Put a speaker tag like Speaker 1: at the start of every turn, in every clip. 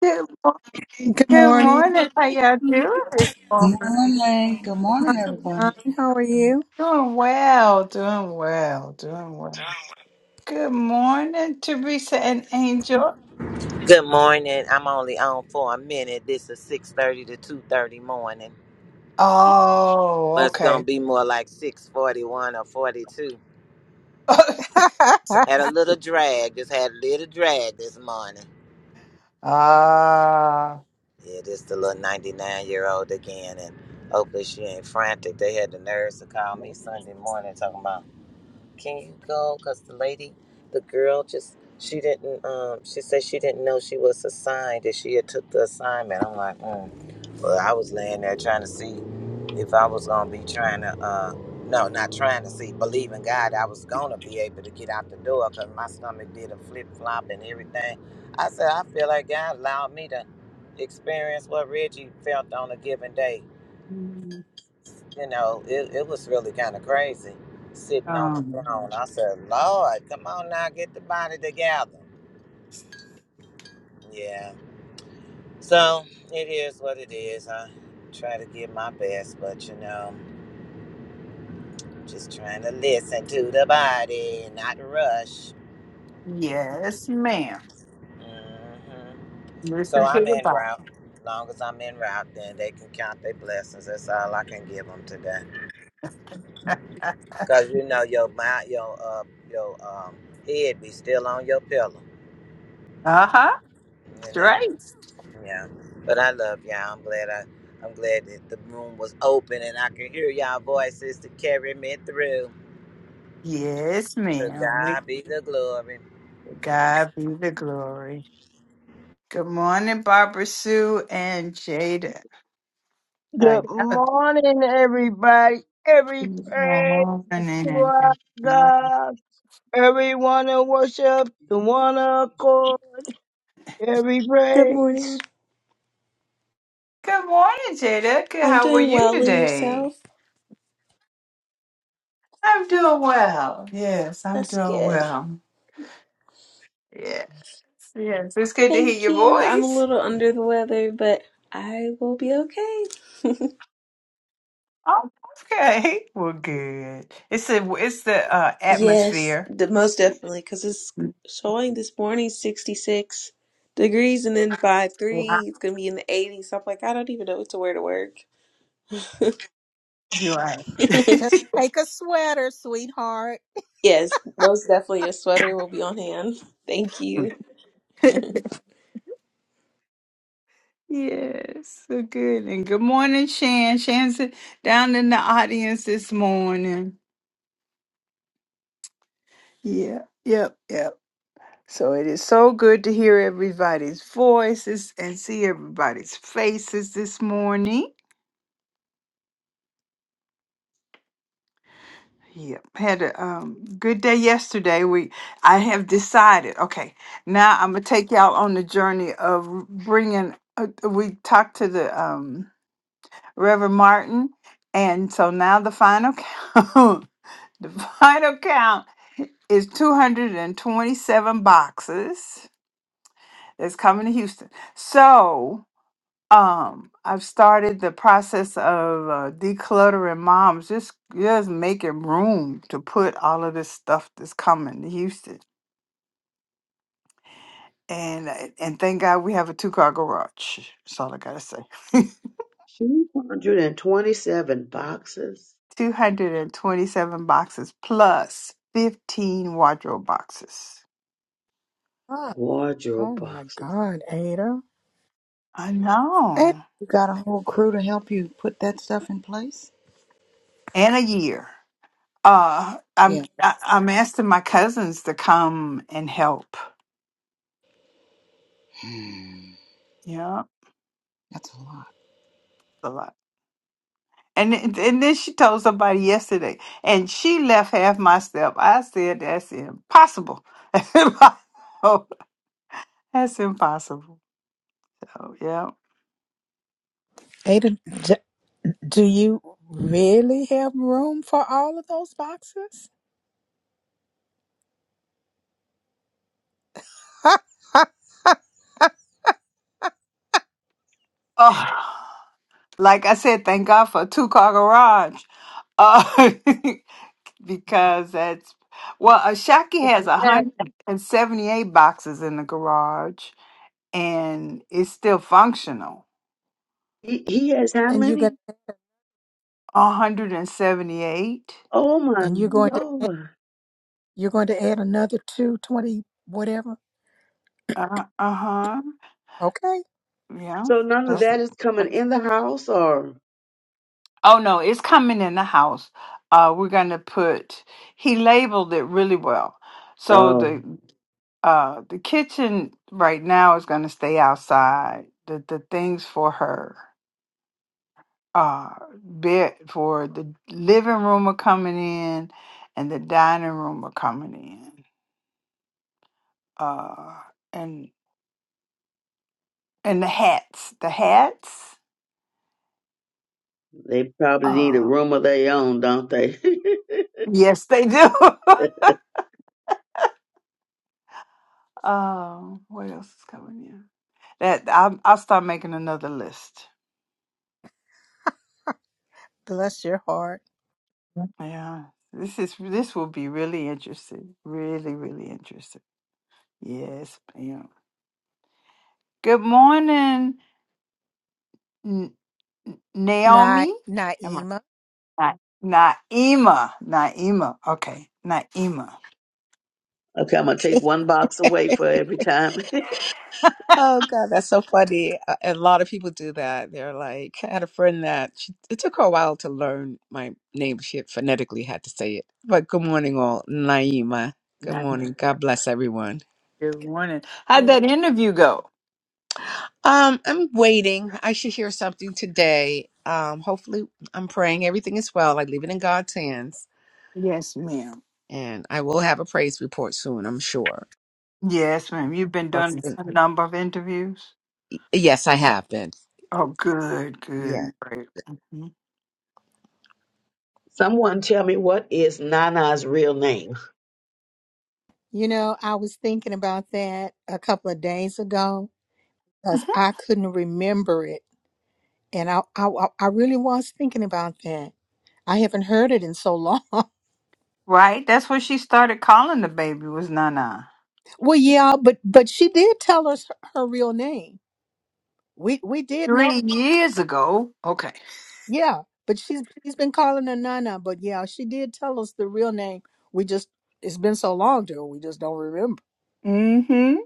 Speaker 1: Good morning.
Speaker 2: Good
Speaker 1: Good
Speaker 2: morning,
Speaker 1: morning. How y'all doing this morning?
Speaker 3: Morning. Good
Speaker 2: my
Speaker 3: morning,
Speaker 2: son.
Speaker 3: everybody.
Speaker 1: Doing
Speaker 2: How are you?
Speaker 1: well. Doing well. Doing well. Good morning, Teresa and Angel.
Speaker 4: Good morning. I'm only on for a minute. This is six thirty to two thirty morning,
Speaker 1: Oh,
Speaker 4: but it's gonna
Speaker 1: okay.
Speaker 4: be more like six forty one or forty two. Had a little drag. Just had a little drag this morning.
Speaker 1: Ah.
Speaker 4: Yeah, just a little ninety nine year old again, and hopefully she ain't frantic. They had the nerves to call me Sunday morning talking about. can you go? Because the lady, the girl, just she didn't. Um, she said she didn't know she was assigned that she had took the assignment. I'm like, mm. well, I was laying there trying to see if I was gonna be trying to. Uh, no, not trying to see. Believing God, I was gonna be able to get out the door because my stomach did a flip flop and everything. I said, I feel like God allowed me to experience what Reggie felt on a given day. You know, it, it was really kind of crazy sitting on the
Speaker 1: um.
Speaker 4: throne. I said, Lord, come on now, get the body together. Yeah. So it is what it is. I try to give my best, but you know, just trying to listen to the body, not rush.
Speaker 1: Yes, ma'am.
Speaker 4: hmm So
Speaker 1: Listen to
Speaker 4: I'm
Speaker 1: the
Speaker 4: en
Speaker 1: Bible.
Speaker 4: route. As long as I'm en route, then they can count their blessings. That's all I can give them today.
Speaker 1: uh
Speaker 4: Cause you know your mind, your uh, your um, head be still on your pillow.
Speaker 1: huh.
Speaker 4: You know.
Speaker 1: Right.
Speaker 4: Yeah, but I love y'all. I'm glad I, I'm glad that the room was open and I could hear y'all voices to carry me through.
Speaker 1: Yes,
Speaker 4: To
Speaker 1: ma'am. We
Speaker 4: God be the glory.
Speaker 1: God be the glory. Good morning, Barbara Sue and Jada. I
Speaker 5: Good
Speaker 1: doubt-
Speaker 5: morning, everybody. Every
Speaker 1: Good
Speaker 5: praise to
Speaker 1: morning.
Speaker 5: our
Speaker 1: Good morning.
Speaker 5: God. Everyone in worship, the one accord, every
Speaker 6: Good morning.
Speaker 5: praise.
Speaker 1: Good morning, Jada. Good-
Speaker 6: I'm
Speaker 1: How were
Speaker 6: doing
Speaker 1: you
Speaker 6: well and
Speaker 1: today?
Speaker 6: yourself?
Speaker 1: I'm doing well. Yes, I'm
Speaker 6: That's
Speaker 1: doing
Speaker 6: good.
Speaker 1: well. Yes, yes. It's good to hear
Speaker 6: Thank
Speaker 1: your
Speaker 6: you. I'm a
Speaker 1: voice.
Speaker 6: little under the weather, but I will be okay.
Speaker 1: Oh, okay. Well, good. It's the it's the uh,
Speaker 6: yes,
Speaker 1: atmosphere.
Speaker 6: the, most definitely, because it's showing this morning 66 degrees and then by
Speaker 1: Wow.
Speaker 6: 3 it's going to be in the 80s. So I'm like, I don't even know what to wear to work.
Speaker 1: You're
Speaker 2: Just
Speaker 1: right.
Speaker 2: take a sweater, sweetheart.
Speaker 6: yes, most definitely a sweater will be on hand. Thank you.
Speaker 1: Yes, so good. And good morning, Shan. Shan's down in the audience this morning. Yeah, yep, yep. So it is so good to hear everybody's voices and see everybody's faces this morning. Yep, had a um, good day yesterday. We, I have decided. Okay, now I'm gonna take y'all on the journey of bringing. Uh, we talked to the um, Reverend Martin, and so now the final count. The final count is 227 boxes that's coming to Houston. So, um, I've started the process of uh, decluttering moms, just just making room to put all of this stuff that's coming to Houston. And uh, and thank God we have a two car garage. That's all I gotta say.
Speaker 7: 227 boxes,
Speaker 1: 227 boxes plus 15 wardrobe boxes.
Speaker 2: Ah, oh
Speaker 7: wardrobe
Speaker 2: my
Speaker 7: boxes.
Speaker 2: God, Ada.
Speaker 1: I
Speaker 2: Ada,
Speaker 1: know.
Speaker 3: You got a whole crew to help you put that stuff in place?
Speaker 1: And a year. Uh, I'm
Speaker 3: Yeah.
Speaker 1: I- I'm asking my cousins to come and help.
Speaker 3: Hmm,
Speaker 1: Yeah,
Speaker 3: That's a lot.
Speaker 1: a lot. And th- and then she told somebody yesterday, and she left half my stuff. I said that's impossible. oh, that's impossible. Oh yeah.
Speaker 2: Ada, d- do you really have room for all of those boxes? Ha, ha, ha.
Speaker 1: Oh, like I said, thank God for a two car garage. Uh, because that's well, uh, Shaki has a
Speaker 5: And
Speaker 1: hundred and seventy eight boxes in the garage, and it's still functional
Speaker 7: He, he has how
Speaker 2: And you're
Speaker 7: many?
Speaker 2: gonna
Speaker 1: 178.
Speaker 7: Oh my
Speaker 2: and you're going to add-
Speaker 7: lord.
Speaker 2: you're going to add another two, twenty, whatever.
Speaker 1: Uh, uh-huh.
Speaker 2: Okay,
Speaker 1: Yeah.
Speaker 7: So none of
Speaker 1: That's,
Speaker 2: okay.
Speaker 7: that is coming
Speaker 1: that's
Speaker 7: in the house or?
Speaker 1: Oh no, it's coming in the house. Uh we're going to put he labeled it really well. So
Speaker 7: Oh,
Speaker 1: the uh the kitchen right now is going to stay outside. The the things for her uh bed for the living room are coming in and the dining room are coming in. Uh and and the hats, the hats.
Speaker 7: they probably need
Speaker 1: uh,
Speaker 7: a room of their own, don't they? okay,
Speaker 1: Yes, they do. um, what else is coming in? That I'll, I'll start making another list.
Speaker 2: Bless your heart,
Speaker 1: Yeah, this is this will be really interesting. Really, really interesting. Yes, ma'am. Good morning, N- N-
Speaker 2: Na-
Speaker 1: Naomi. Am
Speaker 2: Naima.
Speaker 1: I Na- Naima? Naima. Okay, Naima.
Speaker 7: I'm going to take one box away for every time.
Speaker 8: Oh God, that's so funny. A a lot of people do that. They're like, I had a friend that she, it took her a while to learn my name. She had phonetically had to say it. But good morning, all. Naima. Good
Speaker 1: Naima.
Speaker 8: morning. God bless everyone.
Speaker 1: Good morning. How'd that
Speaker 2: You
Speaker 1: interview go?
Speaker 8: Um, I'm waiting. I should hear something today. Um, hopefully, I'm praying everything is well. I leave it in God's hands,
Speaker 1: Yes, ma'am.
Speaker 8: and I will have a praise report soon. I'm sure.
Speaker 1: Yes, ma'am. You've been doing
Speaker 8: Trust in-
Speaker 1: a number of interviews.
Speaker 8: Yes, I have been.
Speaker 1: Oh, good, good,
Speaker 8: Yeah.
Speaker 1: great. Mhm.
Speaker 7: Someone tell me what is Nana's real name?
Speaker 2: know, I was thinking about that a couple of days ago. because I couldn't remember it. And I, I, I I really was thinking about that. I haven't heard it in so long.
Speaker 1: Right? That's when she started calling the baby was Nana.
Speaker 2: well, yeah, but but she did tell us her, her real name. We we did know,
Speaker 1: Three years ago. Okay.
Speaker 2: yeah. But she's she's been calling her Nana. But yeah, she did tell us the real name. We just it's been so long, dear. We just don't remember.
Speaker 1: Mm-hmm.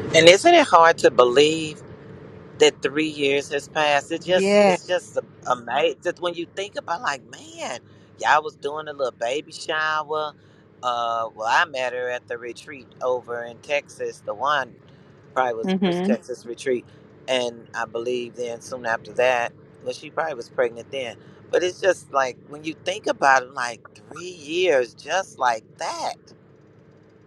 Speaker 4: And isn't it hard to believe? that three years has passed. It just
Speaker 2: Yeah.
Speaker 4: it's just amazing. Just when you think about, like, man, y'all was doing a little baby shower. Uh, well, I met her at the retreat over in Texas. The one probably was the first
Speaker 1: Mm-hmm.
Speaker 4: Texas retreat, and I believe then soon after that, well, she probably was pregnant then. But it's just like when you think about it, like three years, just like that.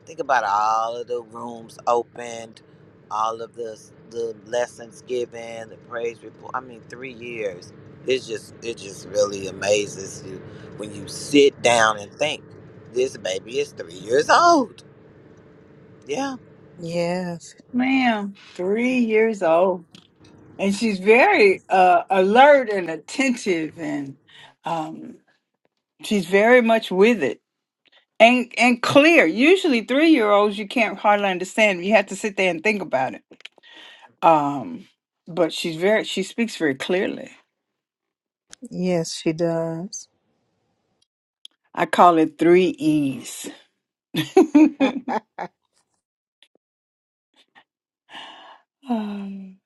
Speaker 4: Think about all of the rooms opened, all of the the lessons given, the praise report. I mean, three years. It's just it just really amazes you when you sit down and think this baby is three years old. Yeah.
Speaker 1: Yeah.
Speaker 2: Yes.
Speaker 1: Ma'am, three years old. And she's very uh, alert and attentive and um, she's very much with it. And and clear. Usually three year olds you can't hardly understand. You have to sit there and think about it. Um, but she's very she speaks very clearly.
Speaker 2: Yes, she does.
Speaker 1: I call it three E's. Um,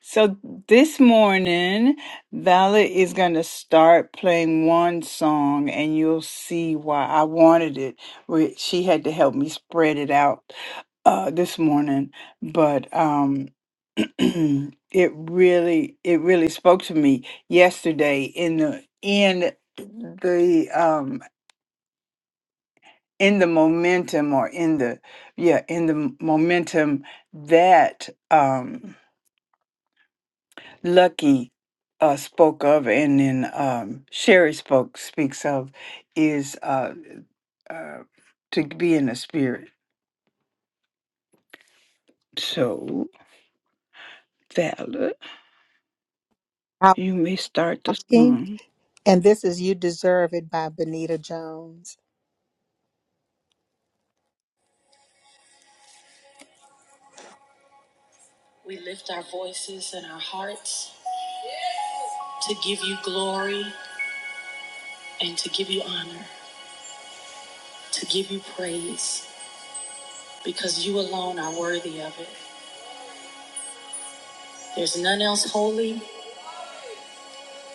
Speaker 1: so this morning, Vala is going to start playing one song, and you'll see why I wanted it. We- She had to help me spread it out uh, this morning, but um, it really, it really spoke to me yesterday in the in the um, in the momentum or in the yeah in the momentum that um lucky uh spoke of and then um sherry spoke speaks of is uh, uh to be in the spirit so Valor,
Speaker 2: I'm
Speaker 1: you may start the
Speaker 2: walking,
Speaker 1: song
Speaker 2: and this is "You Deserve It" by Benita Jones. We lift our voices and our hearts to give you glory and to give you honor, to give you praise, because you alone are worthy of it. There's none else holy,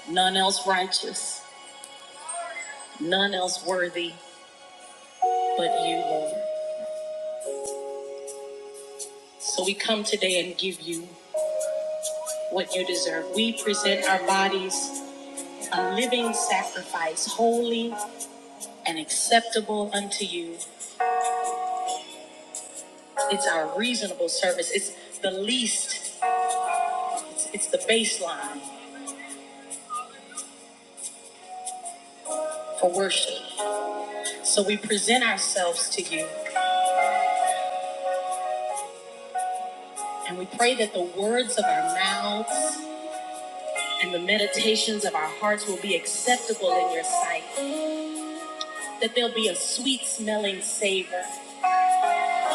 Speaker 2: none else righteous, none else worthy but you, Lord. So we come today and give you what you deserve. We present our bodies a living sacrifice, holy and acceptable unto you. It's our reasonable service. It's the least, it's, it's the baseline for worship. So we present ourselves to you and we pray that the words of our mouths and the meditations of our hearts will be acceptable in your sight, that there'll be a sweet smelling savor.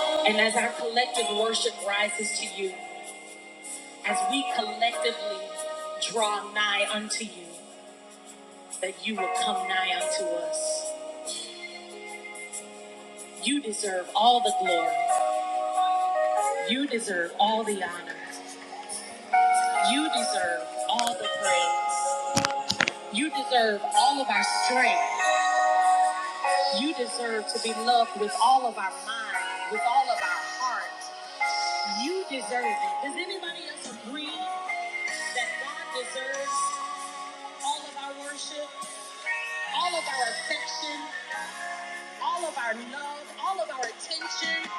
Speaker 2: And as our collective worship rises to you, as we collectively draw nigh unto you, that you will come nigh unto us. You deserve all the glory. You deserve all the honor. You deserve all the praise. You deserve all of our strength. You deserve to be loved with all of our mind, with all of our heart. You deserve it. Does anybody else agree that God deserves all of our worship, all of our affection, all of our love, all of our attention?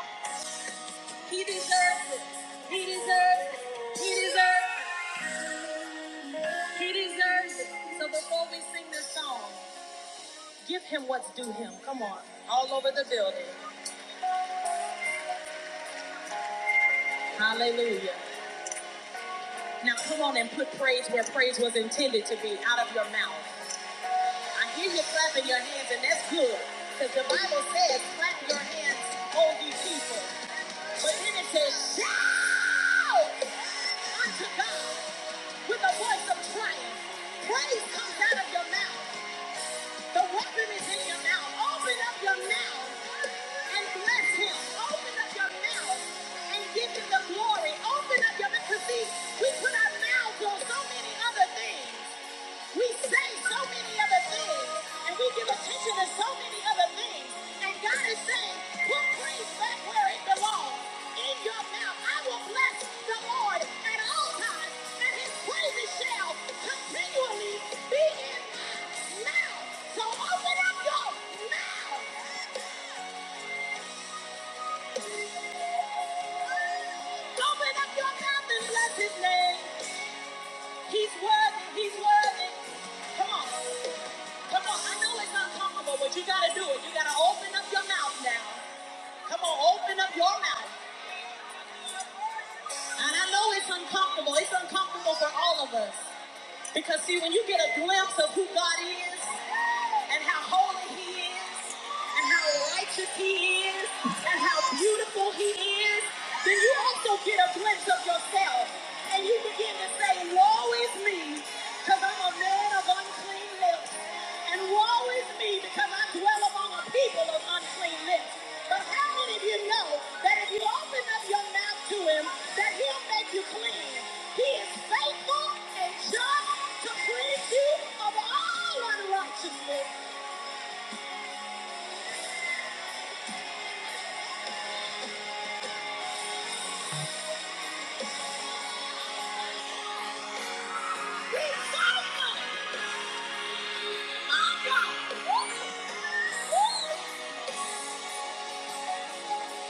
Speaker 2: He deserves it. He deserves it. He deserves it. He deserves it. So before we sing this song, give him what's due him. Come on. All over the building. Hallelujah. Now come on and put praise where praise was intended to be, out of your mouth. I hear you clapping your hands, and that's good, because the Bible says, clap your hands, O ye people. But then it says, shout unto God with a voice of triumph. Praise comes out of your mouth. The weapon is in your mouth. Open up your mouth and bless him. Open up your mouth and give him the glory. Open up your mouth mouth. 'Cause See, we put our mouths on so many other things. We say so many other things, and we give attention to so many other things. And God is saying, put praise back where it belongs. In your mouth, I will bless the Lord at all times, and his praises shall continually be in my mouth. So open up your mouth, open up your mouth and bless his name. He's worthy, he's worthy. Come on, come on. I know it's uncomfortable, but you gotta do it. You gotta open up your mouth now. Come on, open up your mouth. And I know it's uncomfortable. It's uncomfortable for all of us. Because see, when you get a glimpse of who God is and how holy He is and how righteous He is and how beautiful He is, then you also get a glimpse of yourself and you begin to say, woe is me because I'm a man of unclean lips and woe is me because I dwell among a people of unclean lips. But how many of you know that if you open up your mouth to Him, that He'll make you clean? He is faithful and just to cleanse you of all unrighteousness. He's faithful. My God. Woo! Woo!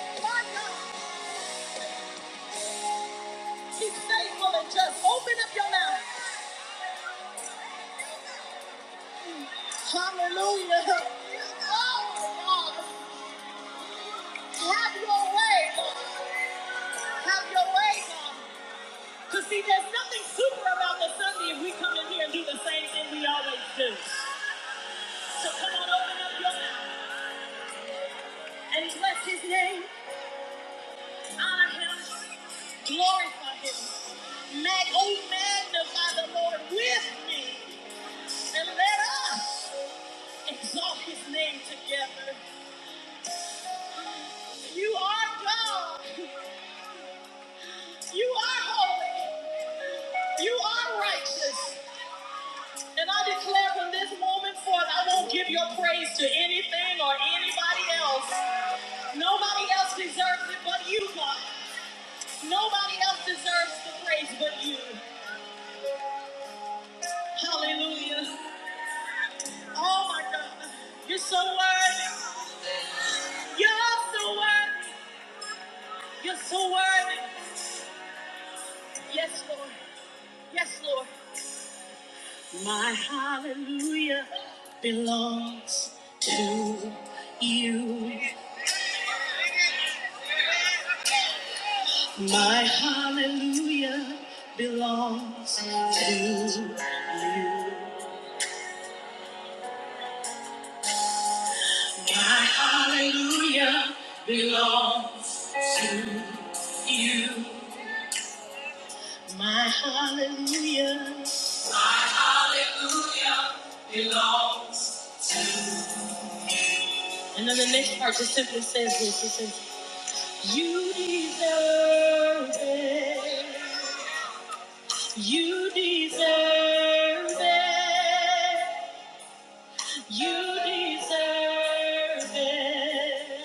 Speaker 2: My God. He's faithful and just. Open up your mouth. Hallelujah. Oh, God. Have your way. Have your way. Because see, there's nothing super about the Sunday if we come in here and do the same thing we always do. So come on, open up your mouth and bless his name. Honor him, glorify him. Mag- oh, magnify the Lord with me, and let us exalt his name together. You are God, you are holy, you are righteous. And I declare from this moment forth, I won't give your praise to anything or anybody else. Nobody else deserves it but you, God. Nobody else deserves the praise but you. Hallelujah. Oh my God. You're so worthy. You're so worthy. You're so worthy. Yes, Lord. Yes, Lord. My hallelujah belongs to you. My hallelujah belongs to you. My hallelujah. And then the next part just simply says this. It says, You deserve it. You deserve it. You deserve it.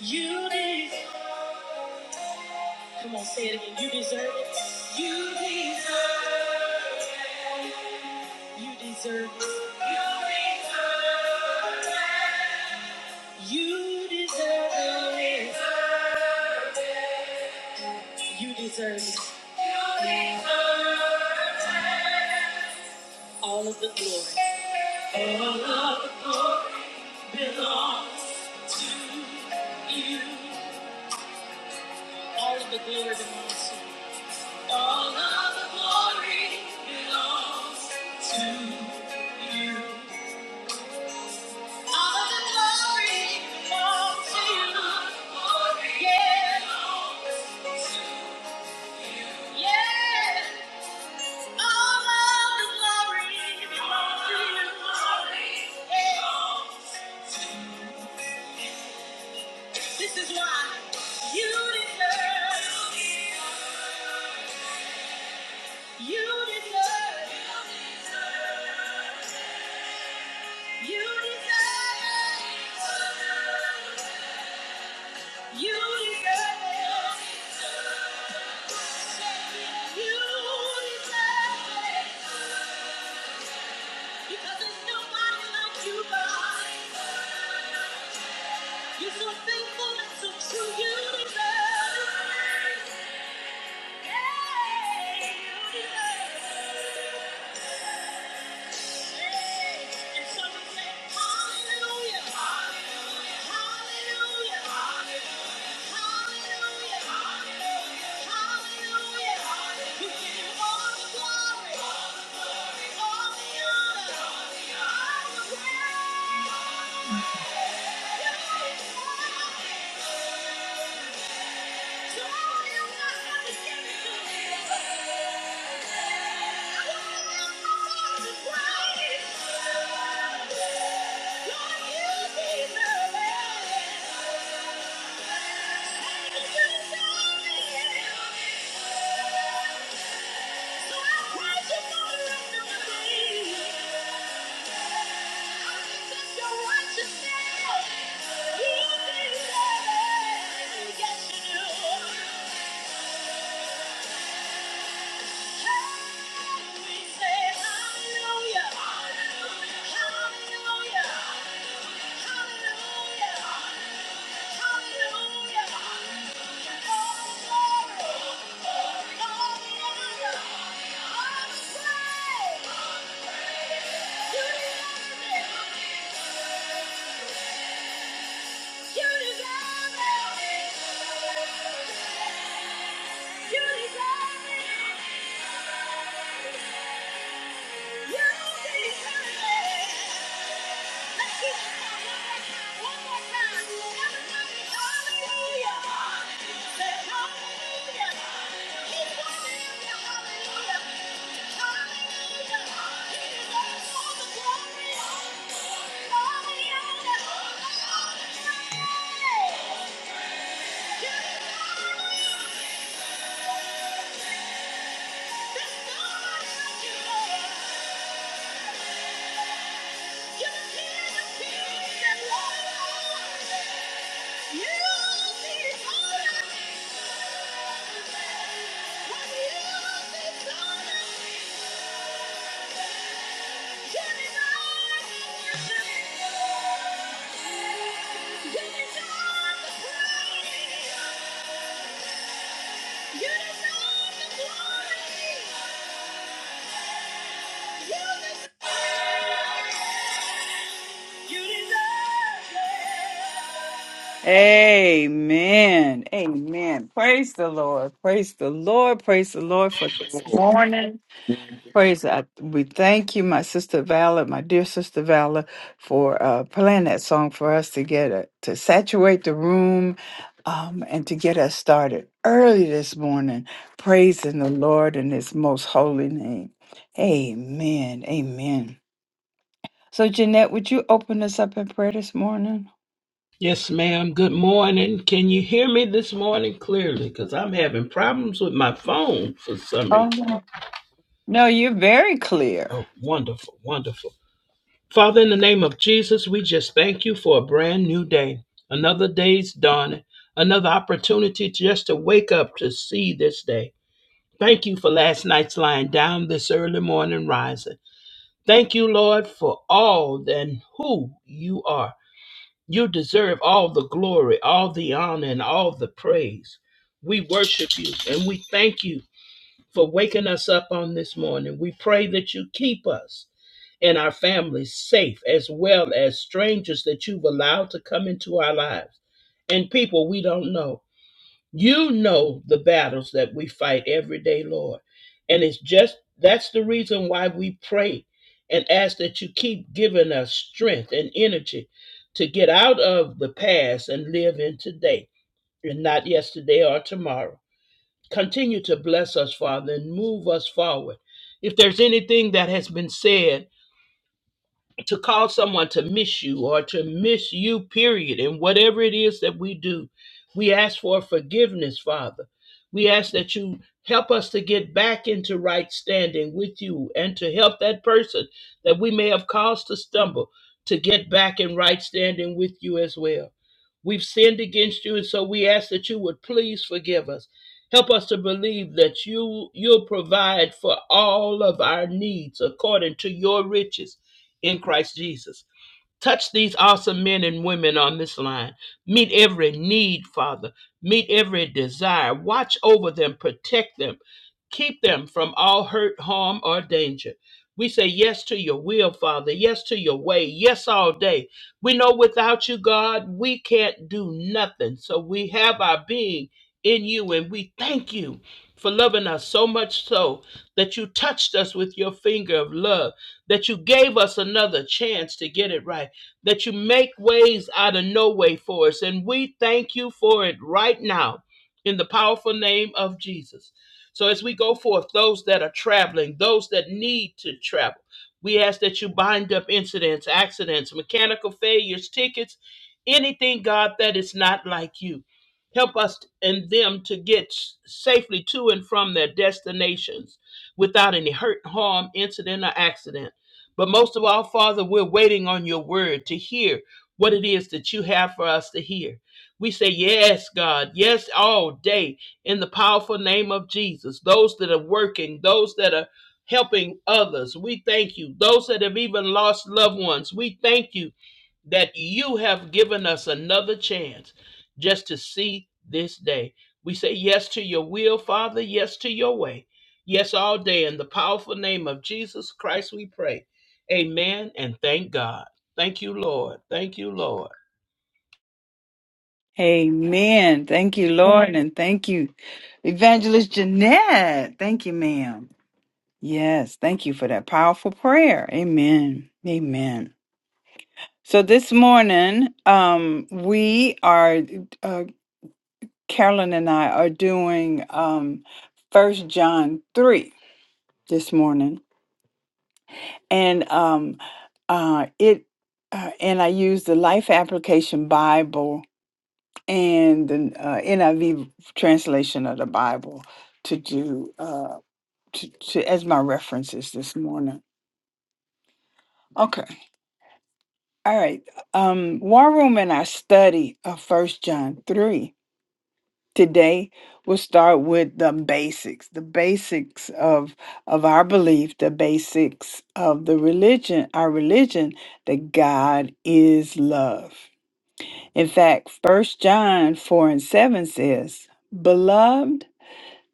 Speaker 2: You deserve. Come on, say it again. You deserve it. You deserve. You deserve it. You deserve it. You deserve it. All of the glory belongs to you. All of the glory belongs to you. All of the glory belongs to you. All of the glory belongs to you. Oh, Yeah. Yeah. All of the glory belongs to you. Yeah. This is why you deserve, you deserve, you deserve. You deserve it. You deserve it. Because there's nobody like you, God. You're so faithful and so true. You deserve it. Yeah, you deserve it. Yeah. And so we say, Hallelujah. Hallelujah. Hallelujah. Hallelujah. Hallelujah. Hallelujah. You give him all the glory. Yeah. Hallelujah! Hallelujah! You deserve it. Hallelujah
Speaker 1: amen amen praise the lord praise the lord praise the lord for this morning Praise God. We thank you, my sister Valor, my dear sister Valor, for uh, playing that song for us to get it, to saturate the room um, and to get us started early this morning, praising the Lord in his most holy name. Amen. Amen. So, Jeanette, would you open us up in prayer this morning?
Speaker 9: Yes, ma'am. Good morning. Can you hear me this morning clearly? Because I'm having problems with my phone for some reason.
Speaker 1: No, you're very clear.
Speaker 9: Oh, wonderful, wonderful. Father, in the name of Jesus, we just thank you for a brand new day, another day's dawning, another opportunity just to wake up to see this day. Thank you for last night's lying down, this early morning rising. Thank you, Lord, for all and who you are. You deserve all the glory, all the honor, and all the praise. We worship you and we thank you for waking us up on this morning. We pray that you keep us and our families safe, as well as strangers that you've allowed to come into our lives and people we don't know. You know the battles that we fight every day, Lord. And it's just that's the reason why we pray and ask that you keep giving us strength and energy to get out of the past and live in today and not yesterday or tomorrow. Continue to bless us, Father, and move us forward. If there's anything that has been said, to cause someone to miss you or to miss you, period. And whatever it is that we do, we ask for forgiveness, Father. We ask that you help us to get back into right standing with you and to help that person that we may have caused to stumble to get back in right standing with you as well. We've sinned against you, and so we ask that you would please forgive us. Help us to believe that you you'll provide for all of our needs according to your riches in Christ Jesus. Touch these awesome men and women on this line. Meet every need, Father. Meet every desire. Watch over them, protect them, keep them from all hurt, harm, or danger. We say yes to your will, Father. Yes to your way. Yes all day. We know without you, God, we can't do nothing. So we have our being in you, and we thank you for loving us so much so that you touched us with your finger of love, that you gave us another chance to get it right that you make ways out of no way for us. And we thank you for it right now in the powerful name of Jesus. So as we go forth, those that are traveling, those that need to travel, we ask that you bind up incidents, accidents, mechanical failures, tickets, anything, God, that is not like you. Help us and them to get safely to and from their destinations without any hurt, harm, incident, or accident. But most of all, Father, we're waiting on your word to hear what it is that you have for us to hear. We say, Yes, God, yes, all day in the powerful name of Jesus. Those that are working, those that are helping others, we thank you. Those that have even lost loved ones, we thank you that you have given us another chance just to see this day. We say yes to your will, Father, yes to your way. Yes, all day. In the powerful name of Jesus Christ, we pray. Amen and thank God. Thank you, Lord. Thank you, Lord.
Speaker 1: Amen. Thank you, Lord, and thank you, Evangelist Jeanette. Thank you, ma'am. Yes, thank you for that powerful prayer. Amen. Amen. So this morning, um, we are. uh, Carolyn and I are doing um First John three this morning, and um uh it uh, and I use the Life Application Bible and the uh, NIV translation of the Bible to do uh to, to as my references this morning. Okay, all right. Um, War Room and I study of First John three today we'll start with the basics the basics of of our belief the basics of the religion our religion that god is love in fact first john 4 and 7 says beloved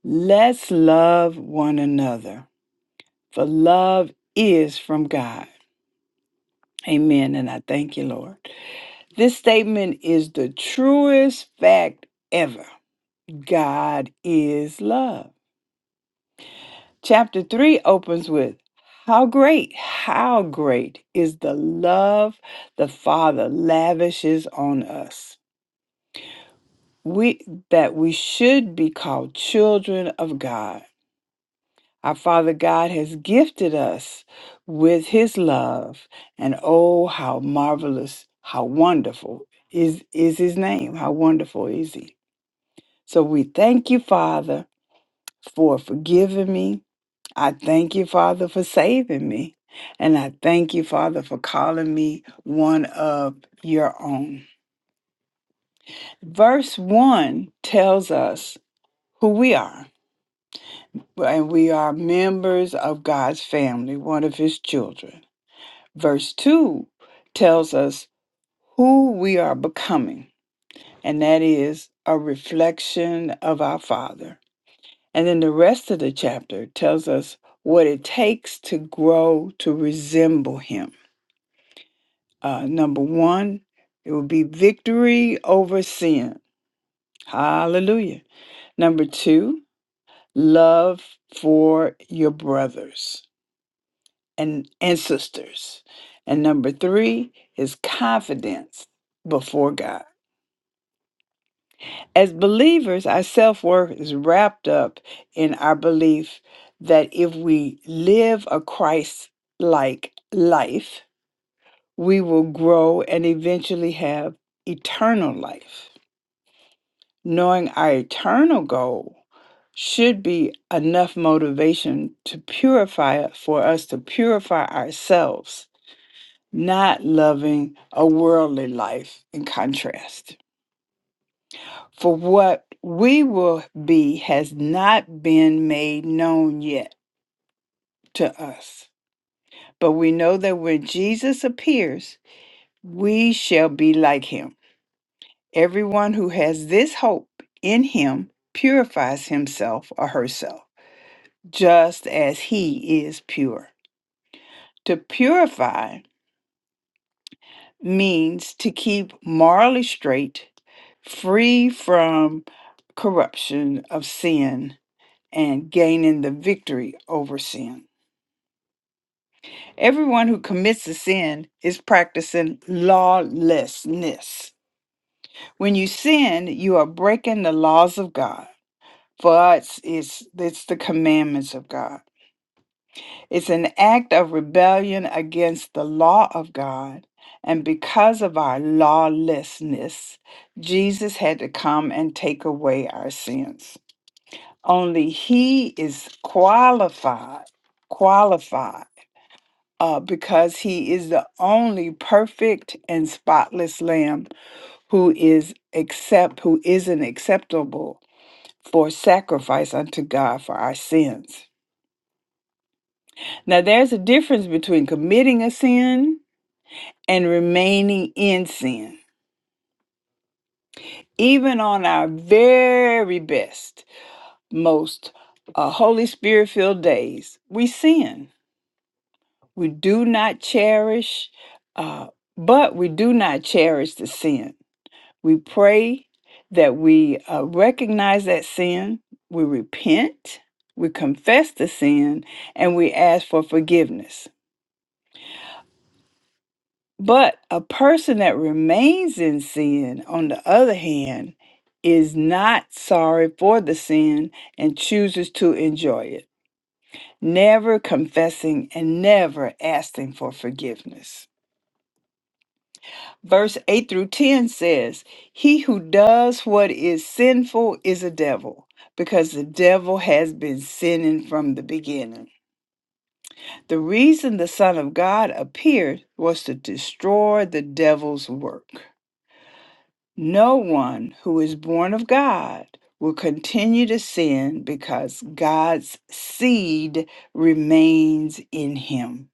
Speaker 1: let's love one another for love is from god amen and i thank you lord this statement is the truest fact ever god is love Chapter 3 opens with How great, how great is the love the Father lavishes on us. We that we should be called children of God. Our Father God has gifted us with his love, and oh how marvelous, how wonderful is is his name. How wonderful is he? So we thank you, Father, for forgiving me I thank you, Father, for saving me. And I thank you, Father, for calling me one of your own. Verse 1 tells us who we are, and we are members of God's family, one of his children. Verse 2 tells us who we are becoming, and that is a reflection of our Father. And then the rest of the chapter tells us what it takes to grow to resemble him Uh, number one, it will be victory over sin. Hallelujah. Number two, love for your brothers and, and sisters. And number three is confidence before God. As believers, our self worth is wrapped up in our belief that if we live a Christ like life, we will grow and eventually have eternal life. knowing our eternal goal should be enough motivation to purify for us to purify ourselves, not loving a worldly life in contrast. For what we will be has not been made known yet to us. But we know that when Jesus appears, we shall be like him. Everyone who has this hope in him purifies himself or herself just as he is pure. To purify means to keep morally straight, free from corruption of sin, and gaining the victory over sin. Everyone who commits a sin is practicing lawlessness. When you sin, you are breaking the laws of God. For us, it's, it's the commandments of God. It's an act of rebellion against the law of God. And because of our lawlessness, Jesus had to come and take away our sins. Only he is qualified, qualified, uh, because he is the only perfect and spotless lamb who is accept who isn't acceptable for sacrifice unto God for our sins. Now there's a difference between committing a sin and remaining in sin, even on our very best, most uh, Holy Spirit filled days, we sin. We do not cherish, uh, but we do not cherish the sin. We pray that we uh, recognize that sin, we repent, we confess the sin, and we ask for forgiveness. But a person that remains in sin, on the other hand, is not sorry for the sin and chooses to enjoy it, never confessing and never asking for forgiveness. Verse 8 through 10 says, He who does what is sinful is a devil, because the devil has been sinning from the beginning. The reason the Son of God appeared was to destroy the devil's work. No one who is born of God will continue to sin because God's seed remains in him.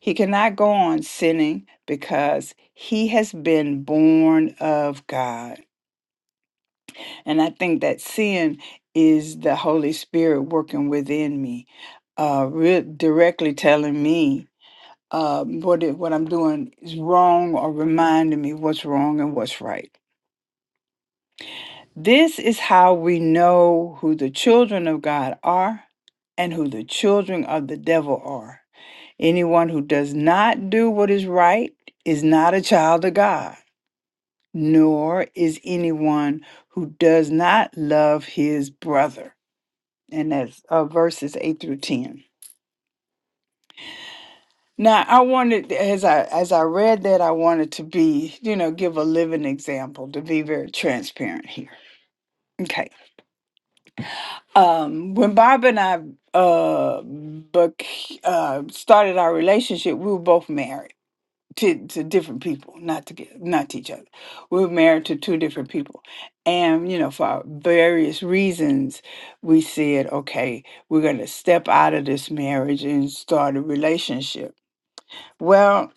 Speaker 1: He cannot go on sinning because he has been born of God. And I think that sin is the Holy Spirit working within me, uh, re- directly telling me um, what, it, what I'm doing is wrong or reminding me what's wrong and what's right. This is how we know who the children of God are and who the children of the devil are. Anyone who does not do what is right is not a child of God, nor is anyone who does not love his brother. And that's uh, verses 8 through 10. Now, I wanted as I as I read that I wanted to be, you know, give a living example to be very transparent here. Okay. um, when Bob and I uh, bec- uh, started our relationship, we were both married to, to different people, not to get, not to each other. We were married to two different people, and you know, for various reasons, we said, okay, we're going to step out of this marriage and start a relationship. Well,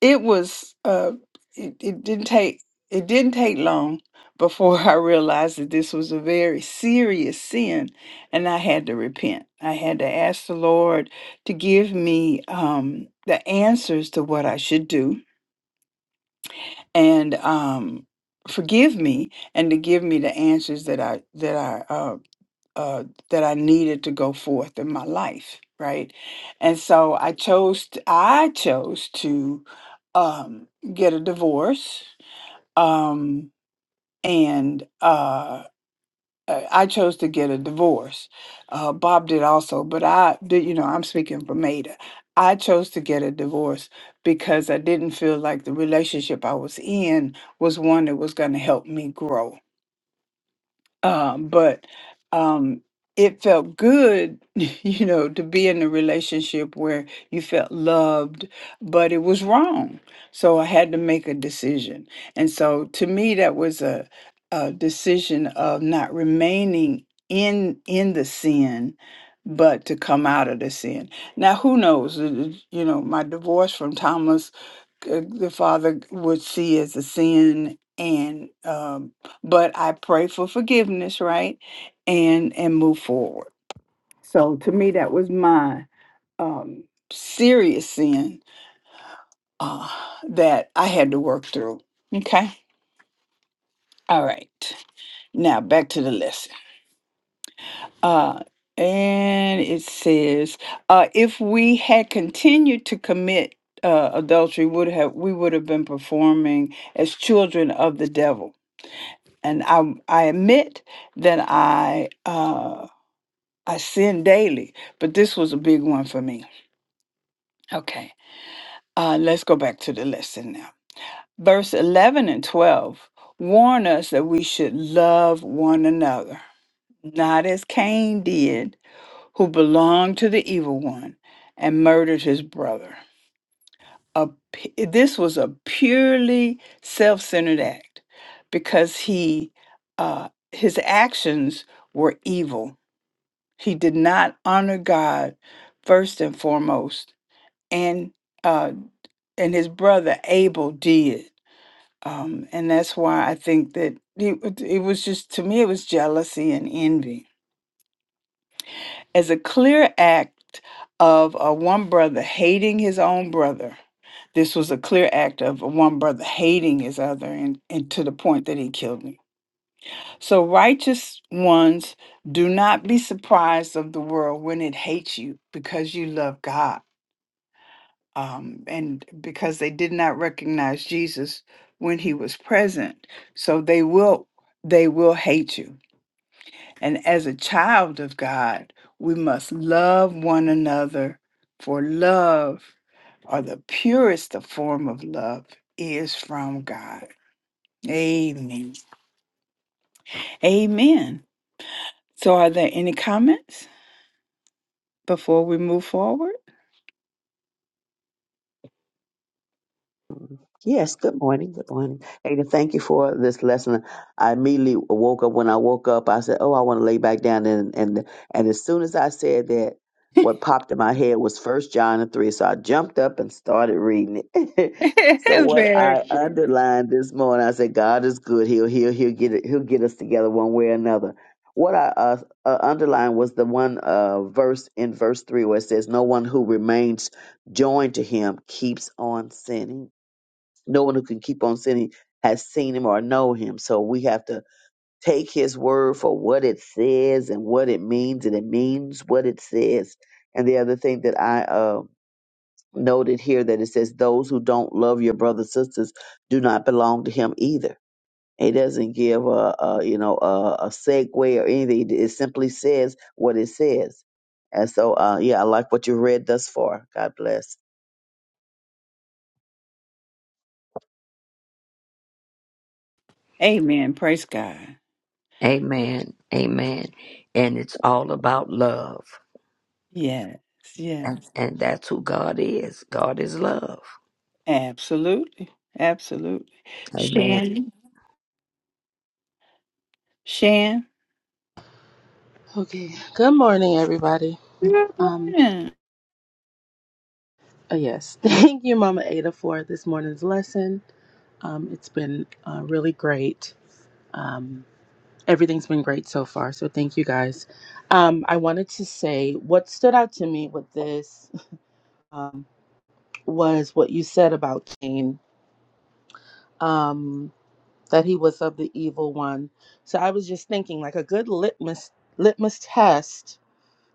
Speaker 1: it was uh it, it didn't take it didn't take long before I realized that this was a very serious sin and I had to repent. I had to ask the Lord to give me um the answers to what I should do and um forgive me and to give me the answers that I that I uh, uh, that I needed to go forth in my life, right? And so I chose t I I chose to um, get a divorce, um, and uh, uh, I chose to get a divorce. Uh, Bob did also, but I did. You know, I'm speaking for Maida. I chose to get a divorce because I didn't feel like the relationship I was in was one that was going to help me grow um, but um, it felt good, you know, to be in a relationship where you felt loved, but it was wrong. So I had to make a decision. And so to me, that was a, a decision of not remaining in in the sin but to come out of the sin now who knows uh, uh, you know my divorce from thomas uh, the father would see as a sin and um but i pray for forgiveness right and and move forward so to me that was my um serious sin uh that i had to work through okay all right now back to the lesson uh and it says uh if we had continued to commit uh adultery would have we would have been performing as children of the devil and I I admit that I uh, I sin daily, but this was a big one for me. Okay, uh, let's go back to the lesson now. Verse eleven and twelve warn us that we should love one another, not as Cain did, who belonged to the evil one and murdered his brother. A, p- this was a purely self-centered act because he uh, his actions were evil He did not honor God first and foremost, and uh, and his brother Abel did, um, and that's why I think that he, it was just to me it was jealousy and envy as a clear act of uh, one brother hating his own brother. This was a clear act of one brother hating his other, and, and to the point that he killed him. So righteous ones do not be surprised of the world when it hates you because you love God. um, and because they did not recognize Jesus when he was present. So they will they will hate you. And as a child of God, we must love one another for love or the purest of form of love is from God. Amen. Amen. So are there any comments before we move forward?
Speaker 7: Yes, good morning. Good morning. Ada, thank you for this lesson. I immediately woke up. When I woke up, I said, Oh, I want to lay back down. And, and, and as soon as I said that, what popped in my head was First John and 3. So I jumped up and started reading it. so what
Speaker 1: Very
Speaker 7: I
Speaker 1: good.
Speaker 7: underlined this morning, I said, God is good. He'll, he'll, he'll, get, it, he'll get us together one way or another. What I uh, uh, underlined was the one uh, verse in verse 3 where it says, No one who remains joined to him keeps on sinning no one who can keep on sinning has seen him or know him. So we have to take his word for what it says and what it means, and it means what it says. And the other thing that I uh, noted here that it says, "Those who don't love your brothers sisters do not belong to him either." It doesn't give a, a you know a, a segue or anything. It simply says what it says. And so, uh, yeah, I like what you read thus far. God bless.
Speaker 1: Amen. Praise God.
Speaker 10: Amen. Amen. And it's all about love.
Speaker 1: Yes. Yes.
Speaker 10: And, and that's who God is. God is love.
Speaker 1: Absolutely. Absolutely.
Speaker 10: Amen.
Speaker 1: Shan. Shan.
Speaker 11: Okay. Good morning, everybody.
Speaker 1: Good
Speaker 11: Um,
Speaker 1: morning.
Speaker 11: uh, yes, thank you, Mama Ada, for this morning's lesson. Um, it's been uh, really great. Um, everything's been great so far. So thank you guys. Um, I wanted to say what stood out to me with this um, was what you said about Cain, um, that he was of the evil one. So I was just thinking, like a good litmus litmus test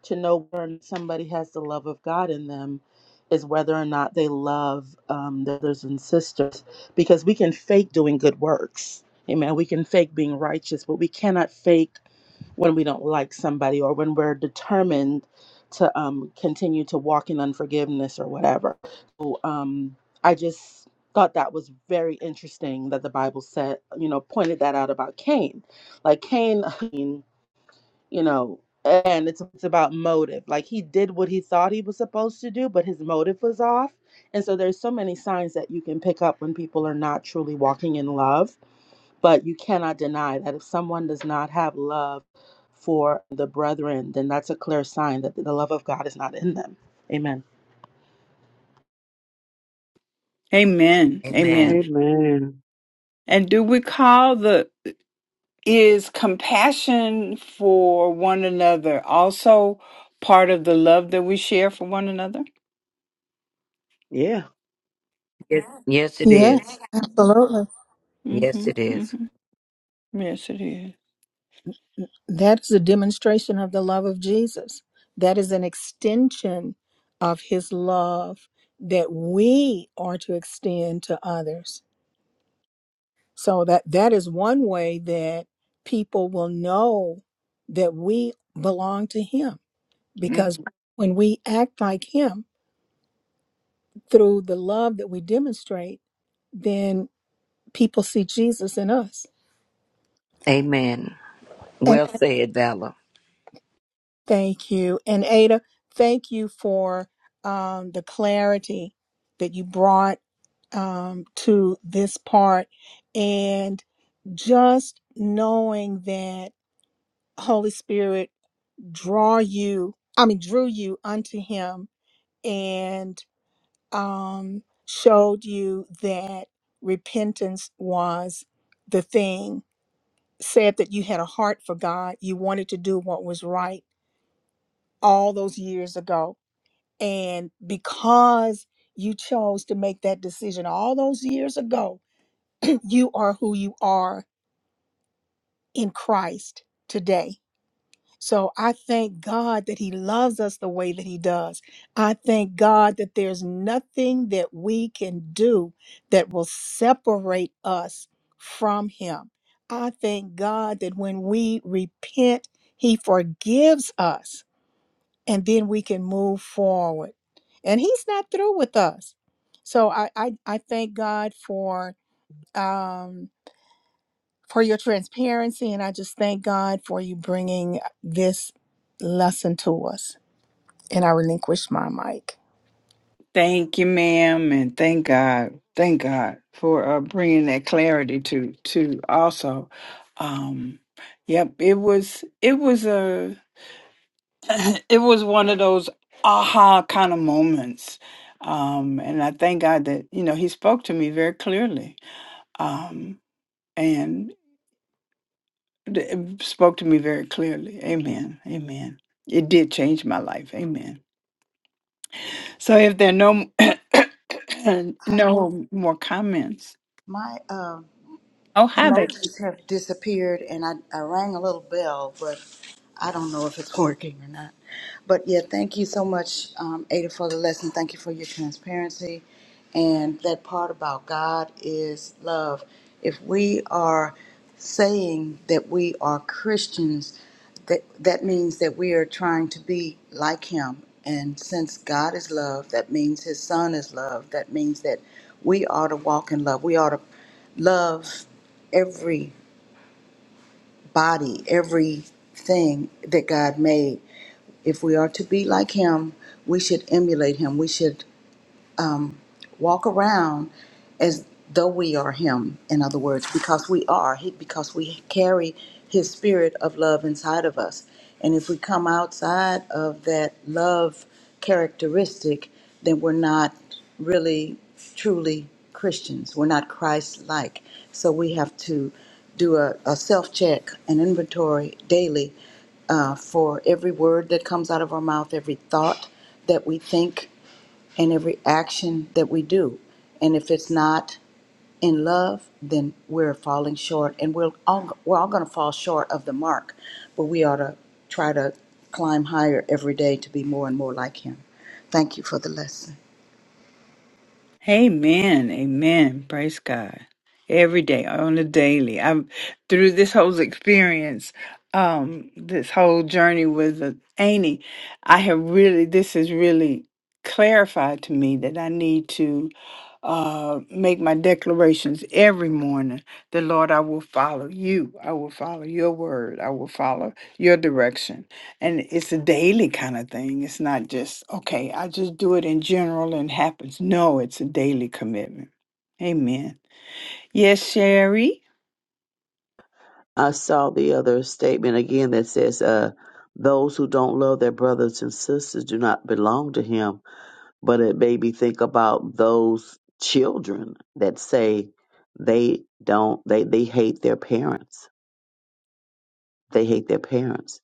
Speaker 11: to know whether or not somebody has the love of God in them is whether or not they love um, their brothers and sisters, because we can fake doing good works. Amen. We can fake being righteous, but we cannot fake when we don't like somebody or when we're determined to um, continue to walk in unforgiveness or whatever. So, um, I just thought that was very interesting that the Bible said, you know, pointed that out about Cain. Like Cain, you know and it's, it's about motive like he did what he thought he was supposed to do but his motive was off and so there's so many signs that you can pick up when people are not truly walking in love but you cannot deny that if someone does not have love for the brethren then that's a clear sign that the love of god is not in them amen
Speaker 1: Amen. Amen.
Speaker 10: Amen.
Speaker 7: Amen.
Speaker 1: And do we call the is compassion for one another also part of the love that we share for one another?
Speaker 7: Yeah.
Speaker 10: Yes, yes it
Speaker 1: Mm-hmm.
Speaker 2: Yeah,
Speaker 10: is.
Speaker 2: absolutely.
Speaker 10: Yes, it is.
Speaker 1: Mm-hmm. Yes, it is.
Speaker 2: That is a demonstration of the love of Jesus. That is an extension of his love that we are to extend to others. So that that is one way that people will know that we belong to him
Speaker 1: Mm-hmm.
Speaker 2: because when we act like him through the love that we demonstrate, then people see Jesus in us.
Speaker 10: Amen. Well said, Valor.
Speaker 2: Thank you. And Ada, thank you for um, the clarity that you brought um, to this part and just knowing that Holy Spirit draw you, I mean, drew you unto him and um, showed you that repentance was the thing, said that you had a heart for God. You wanted to do what was right all those years ago And because you chose to make that decision all those years ago, you are who you are in Christ today. So I thank God that He loves us the way that He does. I thank God that there's nothing that we can do that will separate us from Him. I thank God that when we repent, He forgives us and then we can move forward. And he's not through with us. So I, I, I thank God for um, for your transparency, and I just thank God for you bringing this lesson to us. And I relinquish my mic.
Speaker 1: Thank you, ma'am, and thank God, thank God for uh, bringing that clarity to to also. Um, yep, it was it was a it was one of those aha kind of moments, um, and I thank God that you know He spoke to me very clearly, um, and th- spoke to me very clearly. Amen. Amen. It did change my life. Amen. So if there are no
Speaker 3: I,
Speaker 1: no more comments.
Speaker 3: my uh,
Speaker 1: Oh, havoc.
Speaker 3: emojis have disappeared and I, I rang a little bell, but I don't know if it's working or not. But yeah, thank you so much, um, Ada, for the lesson. Thank you for your transparency. And that part about God is love. If we are saying that we are Christians, that, that means that we are trying to be like Him. And since God is love, that means His Son is love. That means that we ought to walk in love. We ought to love every body, everything that God made. If we are to be like Him, we should emulate Him. We should walk around as though we are him in other words because we are he because we carry his spirit of love inside of us and if we come outside of that love characteristic then we're not really truly christians we're not christ-like so we have to do a, a self-check an inventory daily uh, for every word that comes out of our mouth every thought that we think and every action that we do. And if it's not in love, then we're falling short, and we're all we're all going to fall short of the mark. But we ought to try to climb higher every day to be more and more like Him. Thank you for the lesson.
Speaker 1: Amen. Amen. Praise God. Every day, on the daily. I'm through this whole experience, um, this whole journey with uh, Amy, I have really this has really clarified to me that I need to uh make my declarations every morning. The Lord, I will follow you. I will follow your word. I will follow your direction. And it's a daily kind of thing. It's not just, okay, I just do it in general and happens. No, it's a daily commitment. Amen. Yes, Sherry.
Speaker 7: I saw the other statement again that says, uh, those who don't love their brothers and sisters do not belong to him. But it made me think about those children that say they don't, they, they hate their parents. They hate their parents.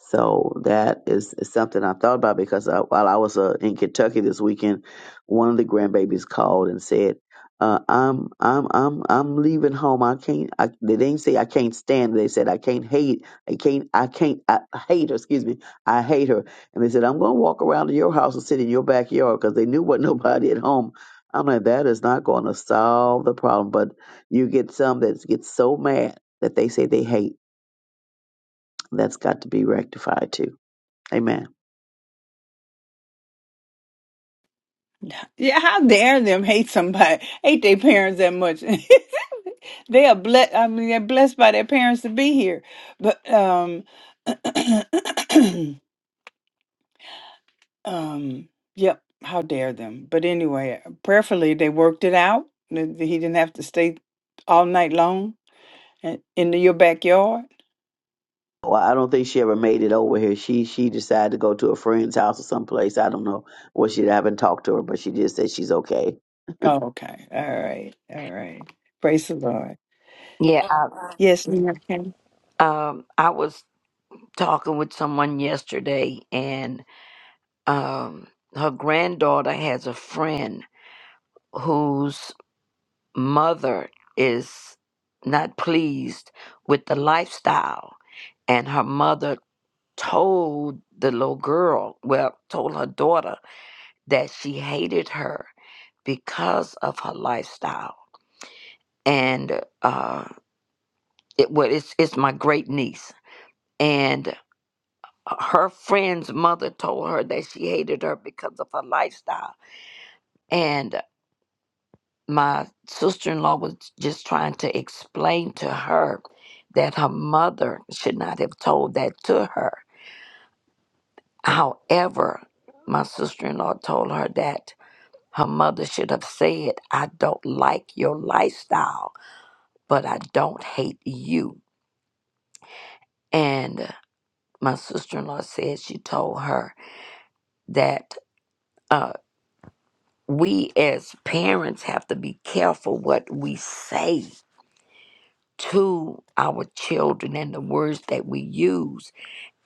Speaker 7: So that is, is something I thought about because uh while I was uh, in Kentucky this weekend, one of the grandbabies called and said, uh, "I'm I'm I'm I'm leaving home. I can't. I, they didn't say I can't stand. They said I can't hate. I can't. I can't. I hate her. Excuse me. I hate her. And they said I'm going to walk around to your house and sit in your backyard because they knew what nobody at home. I'm like that is not going to solve the problem. But you get some that get so mad that they say they hate. That's got to be rectified too. Amen.
Speaker 1: Yeah, how dare them hate somebody, hate their parents that much. they are blessed. I mean, they're blessed by their parents to be here. But um, um, yep. How dare them? But anyway, prayerfully, they worked it out. He didn't have to stay all night long in in your backyard
Speaker 7: Well, I don't think she ever made it over here. She she decided to go to a friend's house or someplace. I don't know what she. I haven't talked to her, but she just said she's okay.
Speaker 1: Oh, okay. All right. All right. Praise the Lord.
Speaker 10: Yeah,
Speaker 1: Yes, ma'am. Okay.
Speaker 10: I, um, I was talking with someone yesterday, and um, her granddaughter has a friend whose mother is not pleased with the lifestyle, and her mother told the little girl, well, told her daughter that she hated her because of her lifestyle. And uh, it well, it's it's my great niece, and uh, her friend's mother told her that she hated her because of her lifestyle. And my sister-in-law was just trying to explain to her that her mother should not have told that to her. However, my sister-in-law told her that Her mother should have said, I don't like your lifestyle, but I don't hate you. And my sister in law said she told her that uh, we as parents have to be careful what we say to our children and the words that we use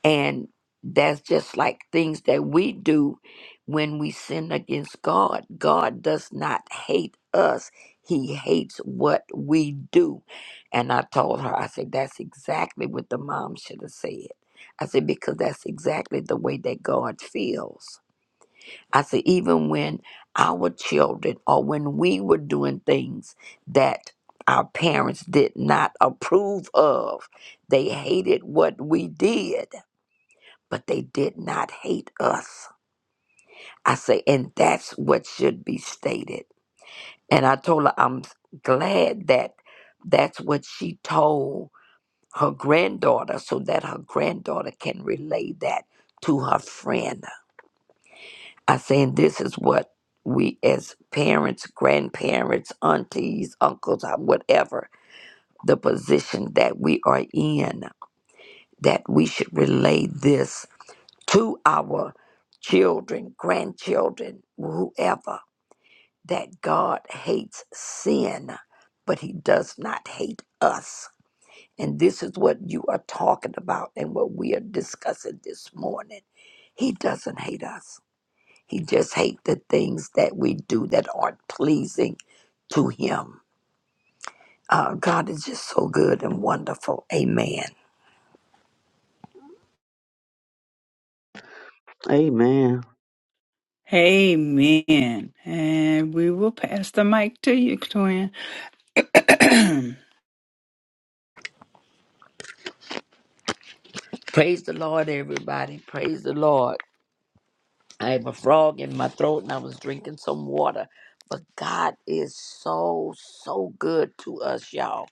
Speaker 10: And that's just like things that we do when we sin against God. God does not hate us, He hates what we do. And I told her, I said, that's exactly what the mom should have said. I said, because that's exactly the way that God feels. I said, even when our children or when we were doing things that our parents did not approve of, they hated what we did but they did not hate us. I say, and that's what should be stated. And I told her, I'm glad that that's what she told her granddaughter so that her granddaughter can relay that to her friend. I say, and this is what we as parents, grandparents, aunties, uncles, uh, whatever, the position that we are in, that we should relay this to our children, grandchildren, whoever, that God hates sin, but He does not hate us. And this is what you are talking about and what we are discussing this morning. He doesn't hate us. He just hates the things that we do that aren't pleasing to Him. Uh, God is just so good and wonderful. Amen.
Speaker 7: Amen.
Speaker 1: Amen. And we will pass the mic to you, Twin.
Speaker 10: Praise the Lord, everybody. Praise the Lord. I have a frog in my throat and I was drinking some water. But God is so, so good to us, y'all.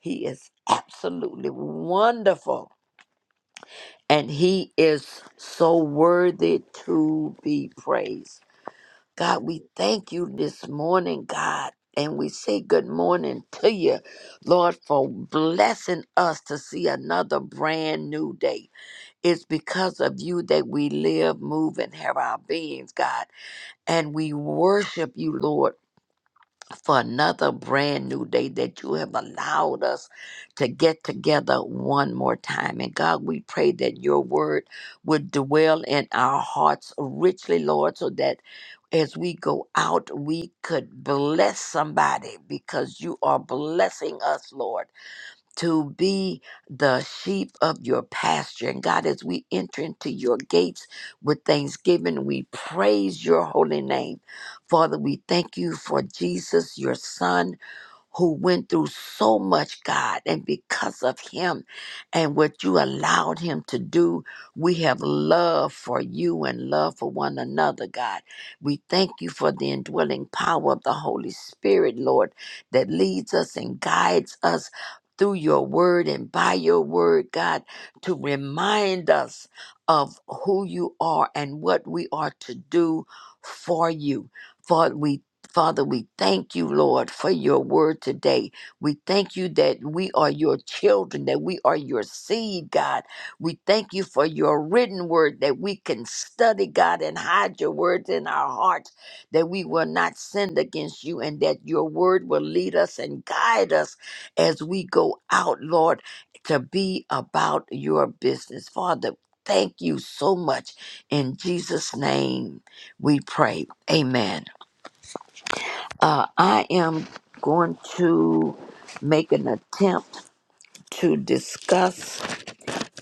Speaker 10: He is absolutely wonderful and He is so worthy to be praised. God, we thank you this morning, God. And we say good morning to you, Lord, for blessing us to see another brand new day. It's because of you that we live, move, and have our beings, God. And we worship you, Lord, for another brand new day that you have allowed us to get together one more time. And God, we pray that your word would dwell in our hearts richly, Lord, so that as we go out, we could bless somebody because you are blessing us, Lord to be the sheep of your pasture. And God, as we enter into your gates with thanksgiving, we praise your holy name. Father, we thank you for Jesus, your son who went through so much, God, and because of him and what you allowed him to do, we have love for you and love for one another, God. We thank you for the indwelling power of the Holy Spirit, Lord, that leads us and guides us through your word and by your word, God, to remind us of who you are and what we are to do for you. For we Father, we thank you, Lord, for your word today. We thank you that we are your children, that we are your seed, God. We thank you for your written word that we can study, God, and hide your words in our hearts, that we will not sin against you, and that your word will lead us and guide us as we go out, Lord, to be about your business. Father, thank you so much. In Jesus' name we pray. Amen. Uh, I am going to make an attempt to discuss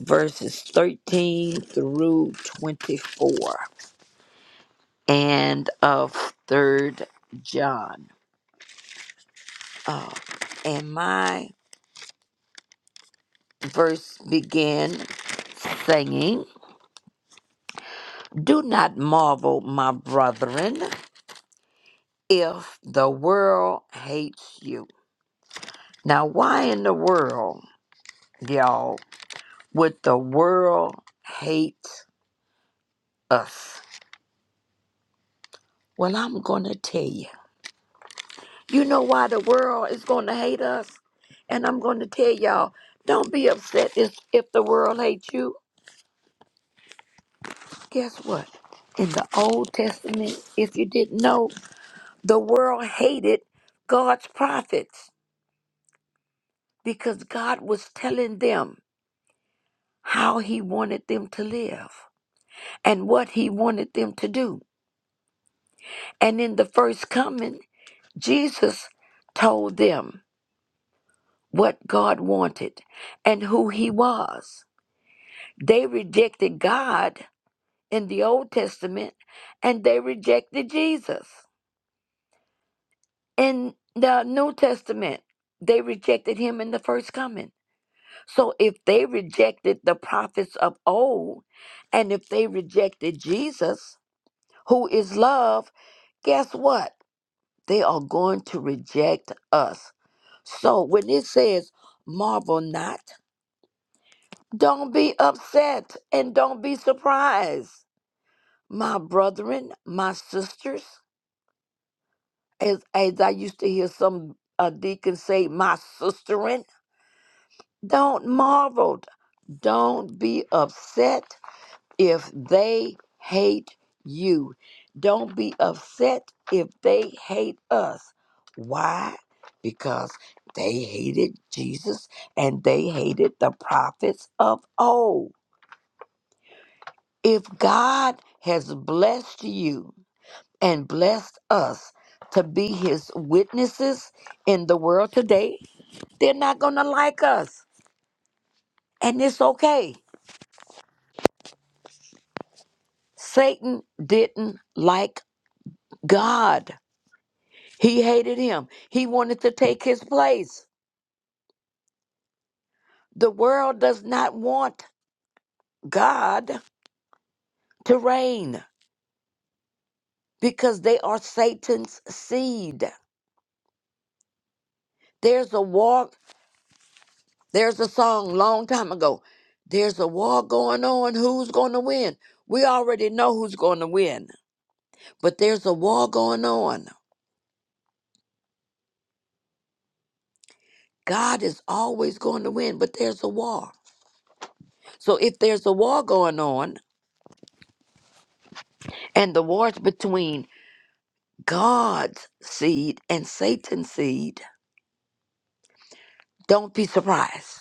Speaker 10: verses 13 through 24 and of third John. Uh, and my verse began saying, Do not marvel, my brethren, if the world hates you. Now, why in the world, y'all, would the world hate us? Well, I'm going to tell you. You know why the world is going to hate us? And I'm going to tell y'all, don't be upset if, if the world hates you. Guess what? In the Old Testament, if you didn't know, the world hated God's prophets because God was telling them how he wanted them to live and what he wanted them to do. And in the first coming, Jesus told them what God wanted and who he was. They rejected God in the Old Testament and they rejected Jesus in the New Testament. They rejected him in the first coming. So if they rejected the prophets of old and if they rejected Jesus, who is love, guess what? They are going to reject us. So when it says, marvel not, don't be upset and don't be surprised my brethren, my sisters, as as I used to hear some uh, deacon say, my sisterin. Don't marvel. Don't be upset if they hate you. Don't be upset if they hate us. Why? Because they hated Jesus and they hated the prophets of old. If God has blessed you, and blessed us to be his witnesses in the world today, they're not going to like us. And it's okay. Satan didn't like God, he hated him. He wanted to take his place. The world does not want God to reign because they are Satan's seed. There's a war, there's a song long time ago. There's a war going on. Who's going to win? We already know who's going to win. but there's a war going on. God is always going to win, but there's a war. So if there's a war going on, and the war's between God's seed and Satan's seed, don't be surprised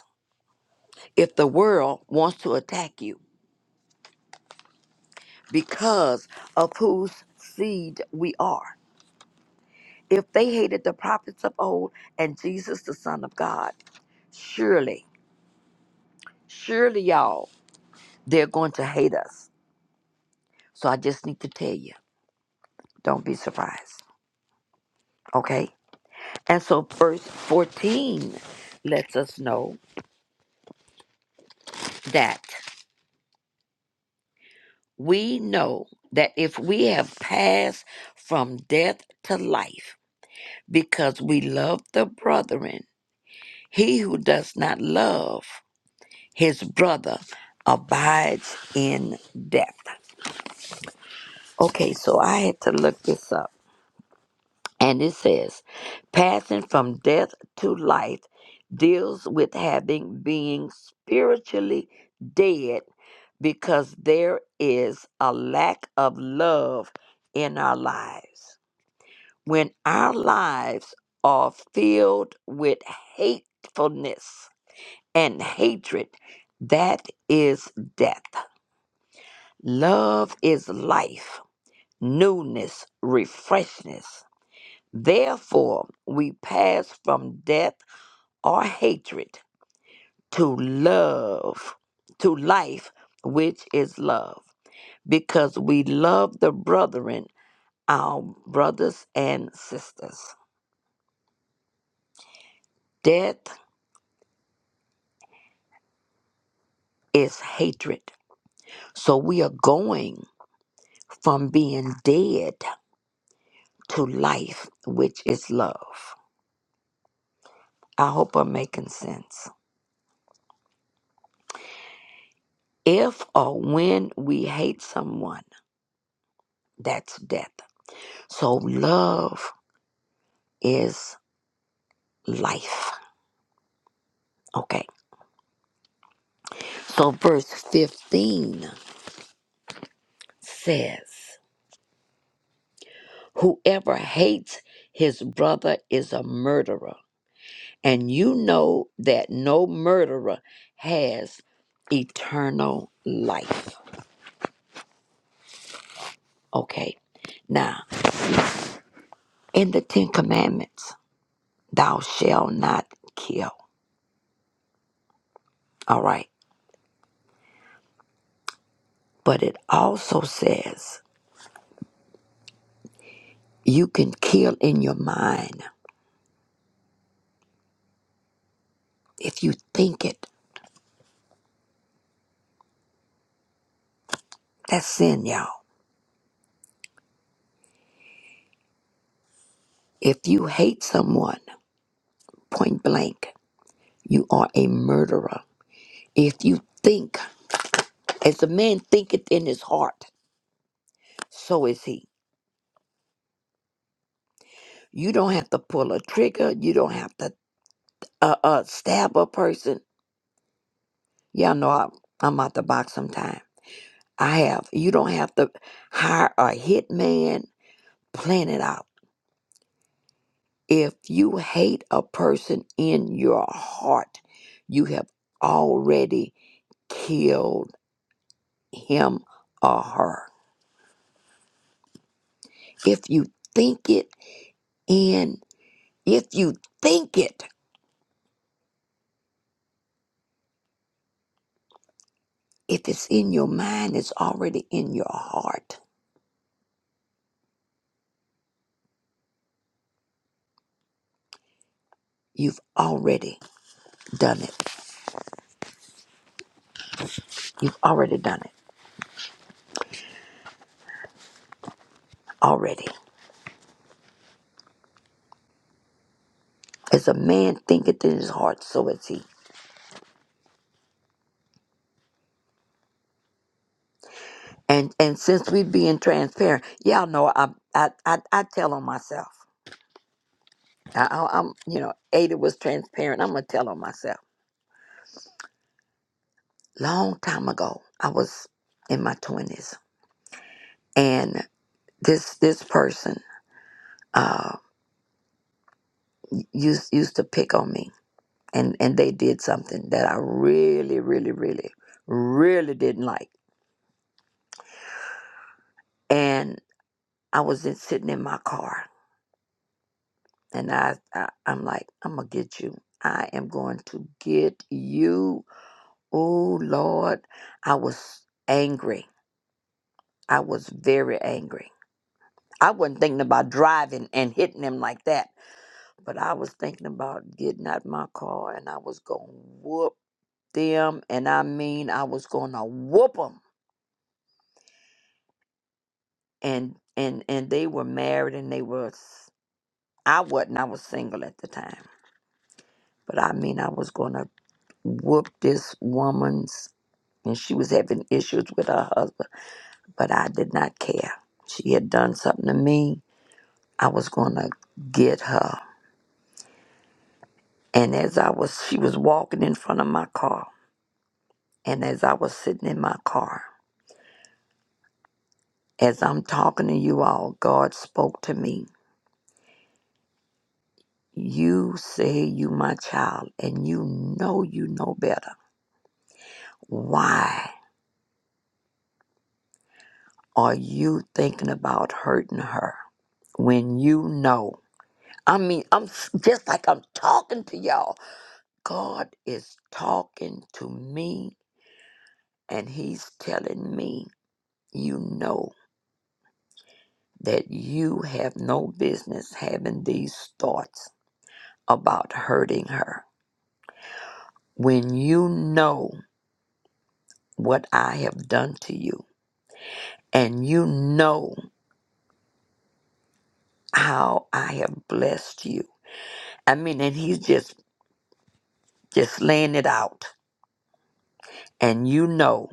Speaker 10: if the world wants to attack you because of whose seed we are. If they hated the prophets of old and Jesus, the Son of God, surely, surely, y'all, they're going to hate us. So I just need to tell you, don't be surprised. Okay. And so verse 14 lets us know that we know that if we have passed from death to life because we love the brethren, he who does not love his brother abides in death. Okay, so I had to look this up. And it says, passing from death to life deals with having being spiritually dead because there is a lack of love in our lives. When our lives are filled with hatefulness and hatred, that is death. Love is life, newness, refreshness. Therefore, we pass from death or hatred to love, to life, which is love, because we love the brethren, our brothers and sisters. Death is hatred. So we are going from being dead to life, which is love. I hope I'm making sense. If or when we hate someone, that's death. So love is life. Okay. So verse 15 says, Whoever hates his brother is a murderer, and you know that no murderer has eternal life. Okay. Now, in the Ten Commandments, thou shalt not kill. All right. But it also says, you can kill in your mind if you think it. That's sin, y'all If you hate someone point blank, you are a murderer. If you think, as a man thinketh in his heart, so is he. You don't have to pull a trigger. You don't have to uh, uh, stab a person. Y'all know I, I'm out the box sometime. I have. You don't have to hire a hitman. Plan it out. If you hate a person in your heart, you have already killed him or her If you think it and if you think it, if it's in your mind, it's already in your heart. You've already done it. You've already done it. Already. As a man thinketh in his heart, so is he. And and since we being transparent, y'all know I I I, I tell on myself. I, I, I'm you know Ada was transparent. I'm gonna tell on myself. Long time ago, I was in my twenties, and this this person. Uh, used used to pick on me and and they did something that I really really really really didn't like and I was in, sitting in my car and I, I I'm like I'm gonna get you I am going to get you oh Lord I was angry I was very angry I wasn't thinking about driving and hitting them like that but I was thinking about getting out my car and I was gonna whoop them and I mean I was gonna whoop 'em and and and they were married and they were s- i wasn't i was single at the time but i mean i was gonna whoop this woman's and she was having issues with her husband but i did not care she had done something to me i was gonna get her and as i was she was walking in front of my car and as i was sitting in my car as i'm talking to you all god spoke to me you say you my child and you know you know better Why are you thinking about hurting her when you know? I mean, I'm s- just like I'm talking to y'all. God is talking to me and he's telling me, you know, that you have no business having these thoughts about hurting her. When you know what I have done to you and you know how I have blessed you. I mean, and he's just just laying it out and you know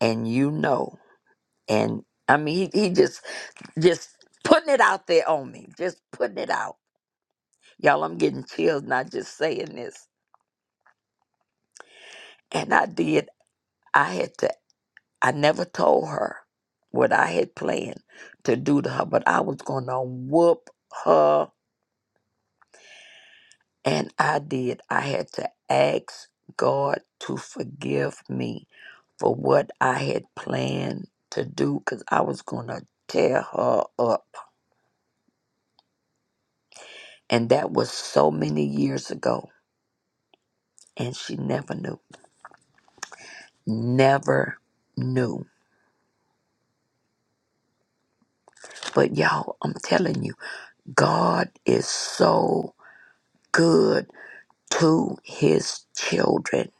Speaker 10: and you know and i mean he, he just just putting it out there on me just putting it out y'all i'm getting chills not just saying this and i did i had to i never told her what i had planned to do to her but i was gonna whoop her and i did i had to ask god to forgive me for what i had planned to do because i was gonna tear her up And that was so many years ago. And she never knew. Never knew. But y'all, I'm telling you, God is so good to his children.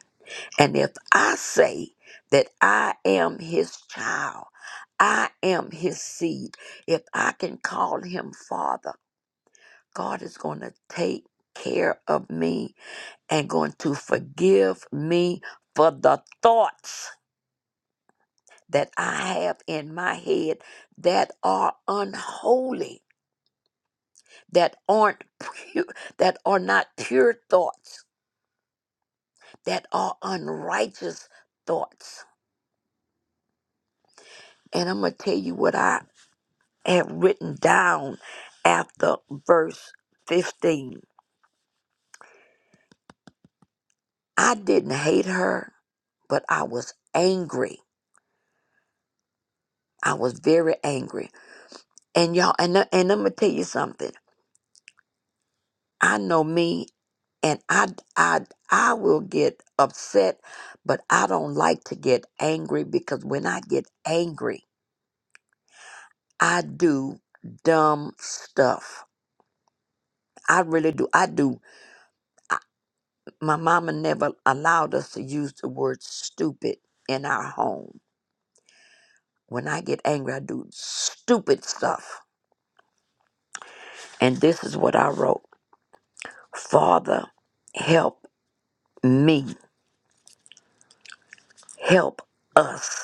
Speaker 10: And if I say that I am his child, I am his seed, if I can call him father, God is going to take care of me and going to forgive me for the thoughts that I have in my head that are unholy, that aren't pure, that are not pure thoughts, that are unrighteous thoughts. And I'm going to tell you what I have written down after verse 15. I didn't hate her, but I was angry. I was very angry. And y'all, and, and I'm going to tell you something. I know me and I I I will get upset, but I don't like to get angry because when I get angry, I do dumb stuff. I really do. I do. I, my mama never allowed us to use the word stupid in our home. When I get angry, I do stupid stuff. And this is what I wrote Father, help me, help us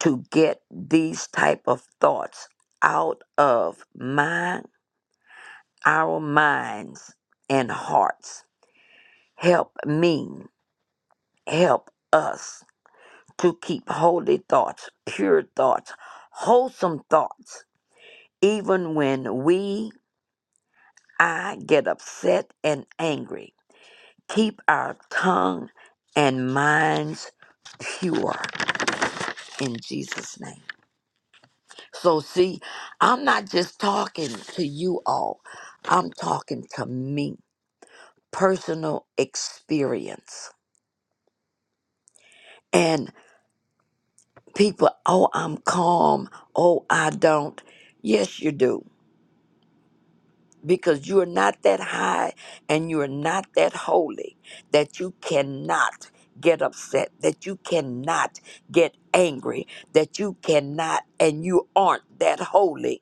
Speaker 10: to get these type of thoughts out of mind our minds and hearts help me help us to keep holy thoughts pure thoughts wholesome thoughts even when we i get upset and angry keep our tongue and minds pure in jesus name So, see, I'm not just talking to you all, I'm talking to me, personal experience. And people, oh, I'm calm. Oh, I don't. Yes, you do. Because you are not that high and you are not that holy that you cannot get upset, that you cannot get angry, that you cannot, and you aren't that holy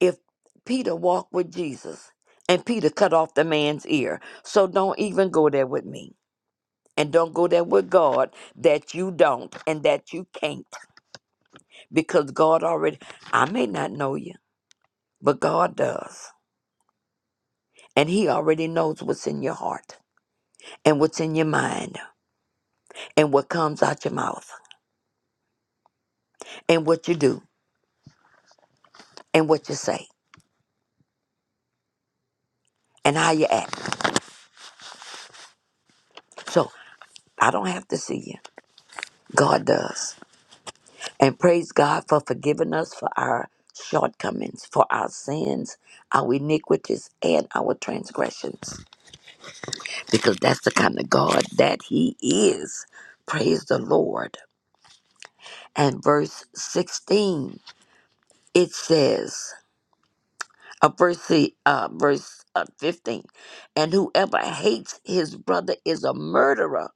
Speaker 10: if Peter walked with Jesus and Peter cut off the man's ear. So don't even go there with me. And don't go there with God that you don't and that you can't. Because God already, I may not know you, but God does. And He already knows what's in your heart and what's in your mind and what comes out your mouth and what you do and what you say and how you act. So I don't have to see you. God does. And praise God for forgiving us for our shortcomings, for our sins, our iniquities, and our transgressions. Because that's the kind of God that He is. Praise the Lord. And verse 16, it says, uh, verse, si, uh, verse uh, 15, and whoever hates his brother is a murderer.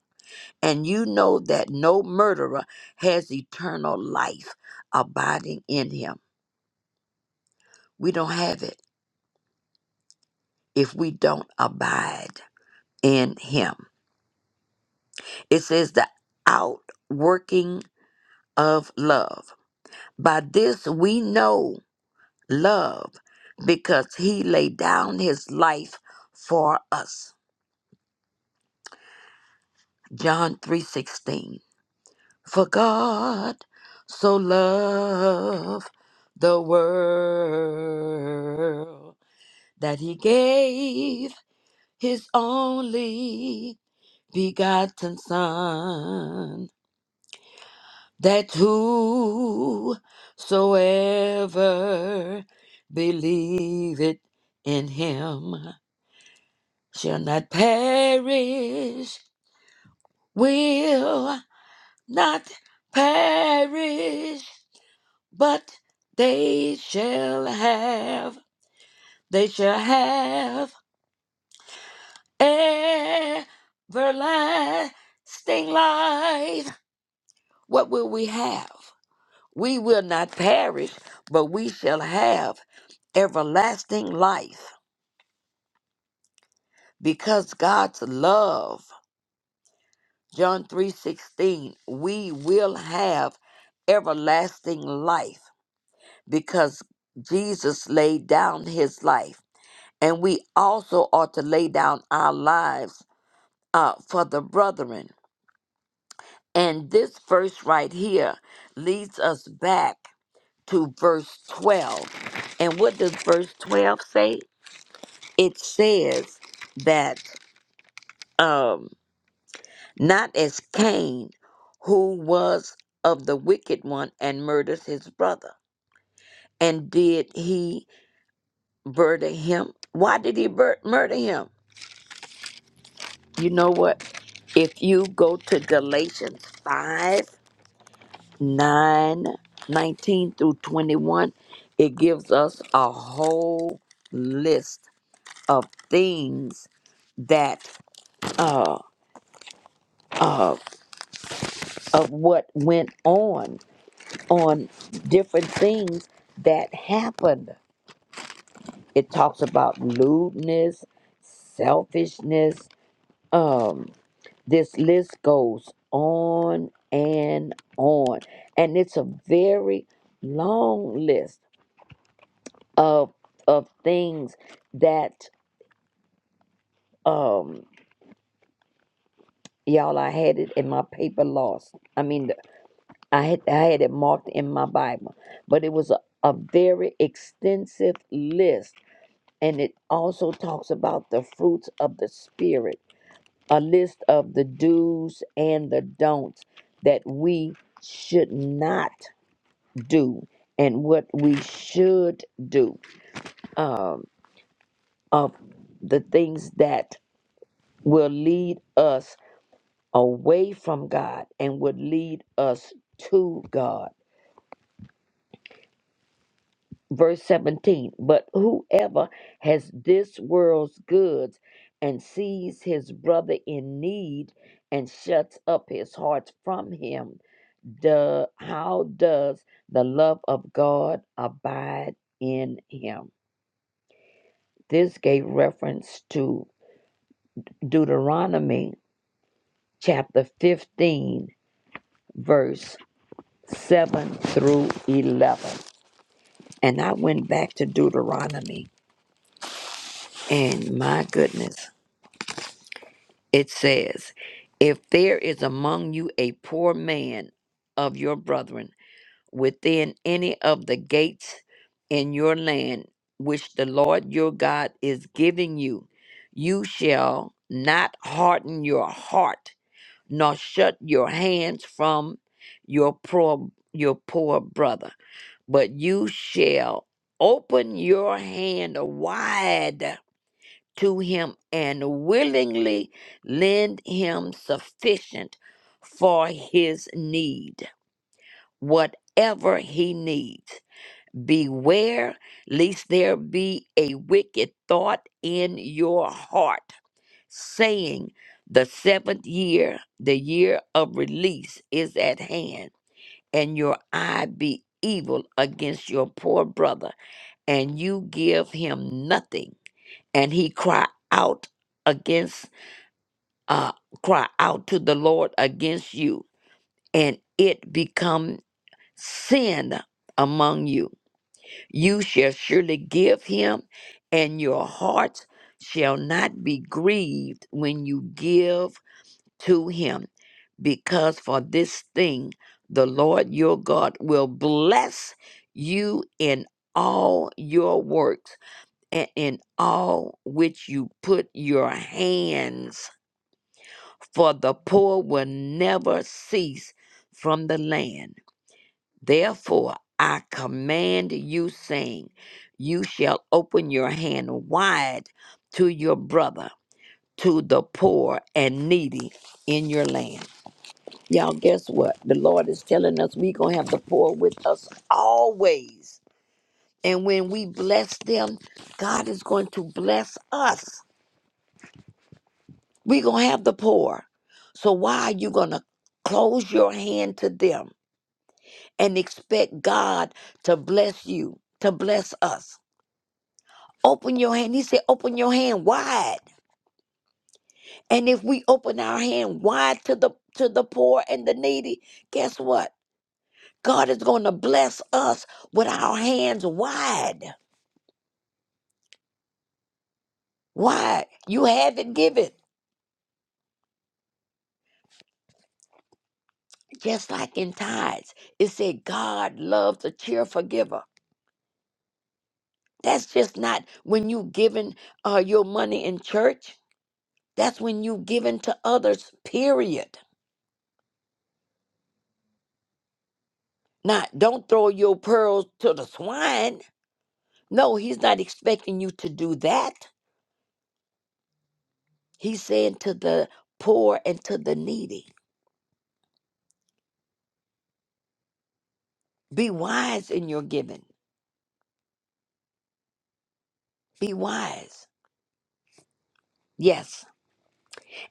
Speaker 10: And you know that no murderer has eternal life abiding in him. We don't have it. if we don't abide in him. It says the outworking of love. By this we know love because he laid down his life for us. John 3:16. For God so loved the world that he gave his only begotten son that whosoever believeth in him shall not perish, will not perish, but they shall have, they shall have everlasting life. What will we have? We will not perish, but we shall have everlasting life. Because God's love, John 3:16, we will have everlasting life because Jesus laid down his life. And we also ought to lay down our lives uh, for the brethren. And this verse right here leads us back to verse 12. And what does verse 12 say? It says that. um. not as Cain, who was of the wicked one and murdered his brother. And did he murder him? Why did he bur- murder him? You know what? If you go to Galatians 5 9 19 through 21, it gives us a whole list of things that, uh, uh, of what went on on different things that happened. It talks about lewdness, selfishness. Um, this list goes on and on, and it's a very long list of of things that um y'all I had it in my paper lost. I mean, I had I had it marked in my Bible, but it was a, a very extensive list and it also talks about the fruits of the spirit a list of the do's and the don'ts that we should not do and what we should do um, of the things that will lead us away from god and would lead us to god verse 17 but whoever has this world's goods and sees his brother in need and shuts up his heart from him the how does the love of god abide in him this gave reference to deuteronomy chapter 15 verse 7 through 11 and i went back to deuteronomy and my goodness It says, If there is among you a poor man of your brethren within any of the gates in your land, which the Lord your God is giving you, you shall not harden your heart, nor shut your hands from your poor, your poor brother, but you shall open your hand wide to him and willingly lend him sufficient for his need, whatever he needs. Beware lest there be a wicked thought in your heart, saying, The seventh year, the year of release, is at hand, and your eye be evil against your poor brother, and you give him nothing, and he cry out against uh, cry out to the Lord against you, and it become sin among you. You shall surely give him, and your heart shall not be grieved when you give to him, because for this thing the Lord your God will bless you in all your works and in all which you put your hands for the poor will never cease from the land. Therefore, I command you, saying, You shall open your hand wide to your brother, to the poor and needy in your land. Y'all, guess what? The Lord is telling us we're going to have the poor with us always. And when we bless them, God is going to bless us. We're going to have the poor. So, why are you going to close your hand to them? and expect God to bless you, to bless us. Open your hand. He said, open your hand wide. And if we open our hand wide to the to the poor and the needy, guess what? God is going to bless us with our hands wide. Wide. You haven't given. Just like in tithes. It said God loves a cheerful giver. That's just not when you giving uh, your money in church. That's when you giving to others, period. Not don't throw your pearls to the swine. No, he's not expecting you to do that. He's saying to the poor and to the needy, be wise in your giving. Be wise. Yes.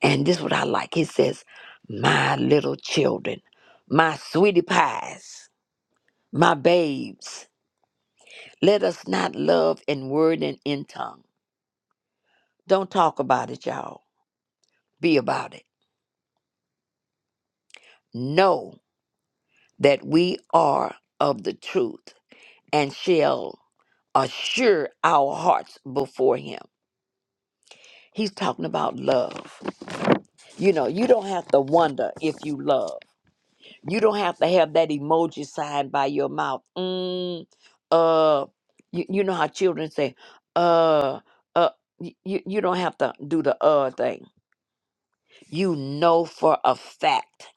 Speaker 10: And this is what I like. He says, My little children, my sweetie pies, my babes, let us not love in word and in tongue. Don't talk about it, y'all. Be about it. Know that we are of the truth. and shall assure our hearts before him. He's talking about love. You know, you don't have to wonder if you love. You don't have to have that emoji sign by your mouth. Mm, uh, you, you know how children say, uh, uh, y- you, you don't have to do the uh thing. You know for a fact.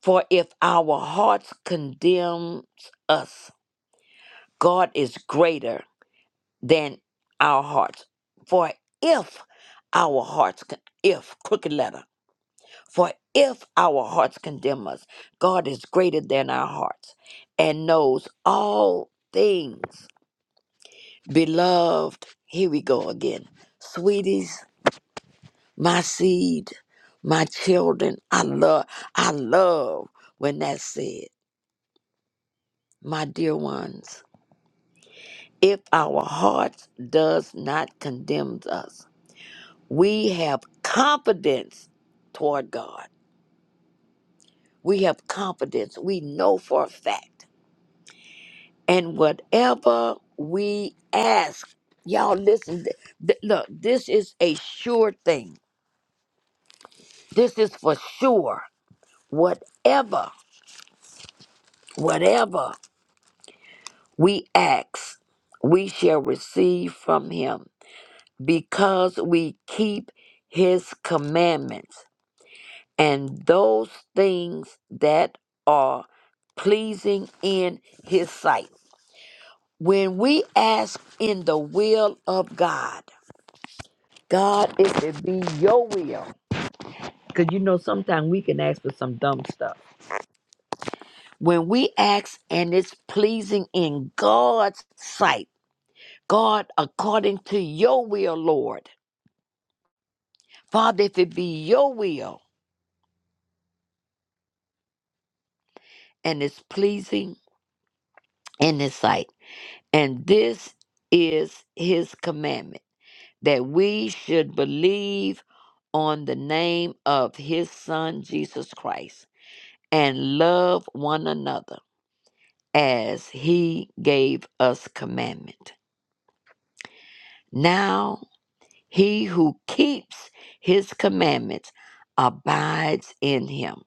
Speaker 10: For if our hearts condemns us, God is greater than our hearts. For if our hearts, con- if, crooked letter, for if our hearts condemn us, God is greater than our hearts and knows all things. Beloved, here we go again. Sweeties, my seed, my children, I love, I love when that's said. My dear ones, if our hearts does not condemn us, we have confidence toward God. We have confidence. We know for a fact. And whatever we ask, y'all listen. th- th- look, this is a sure thing. This is for sure. Whatever, whatever we ask, we shall receive from Him because we keep His commandments and those things that are pleasing in his sight. When we ask in the will of God, God, if it be your will, because you know sometimes we can ask for some dumb stuff. When we ask and it's pleasing in God's sight, God, according to your will, Lord, Father, if it be your will and it's pleasing in his sight, and this is his commandment that we should believe on the name of his son Jesus Christ and love one another as he gave us commandment. Now he who keeps his commandments abides in him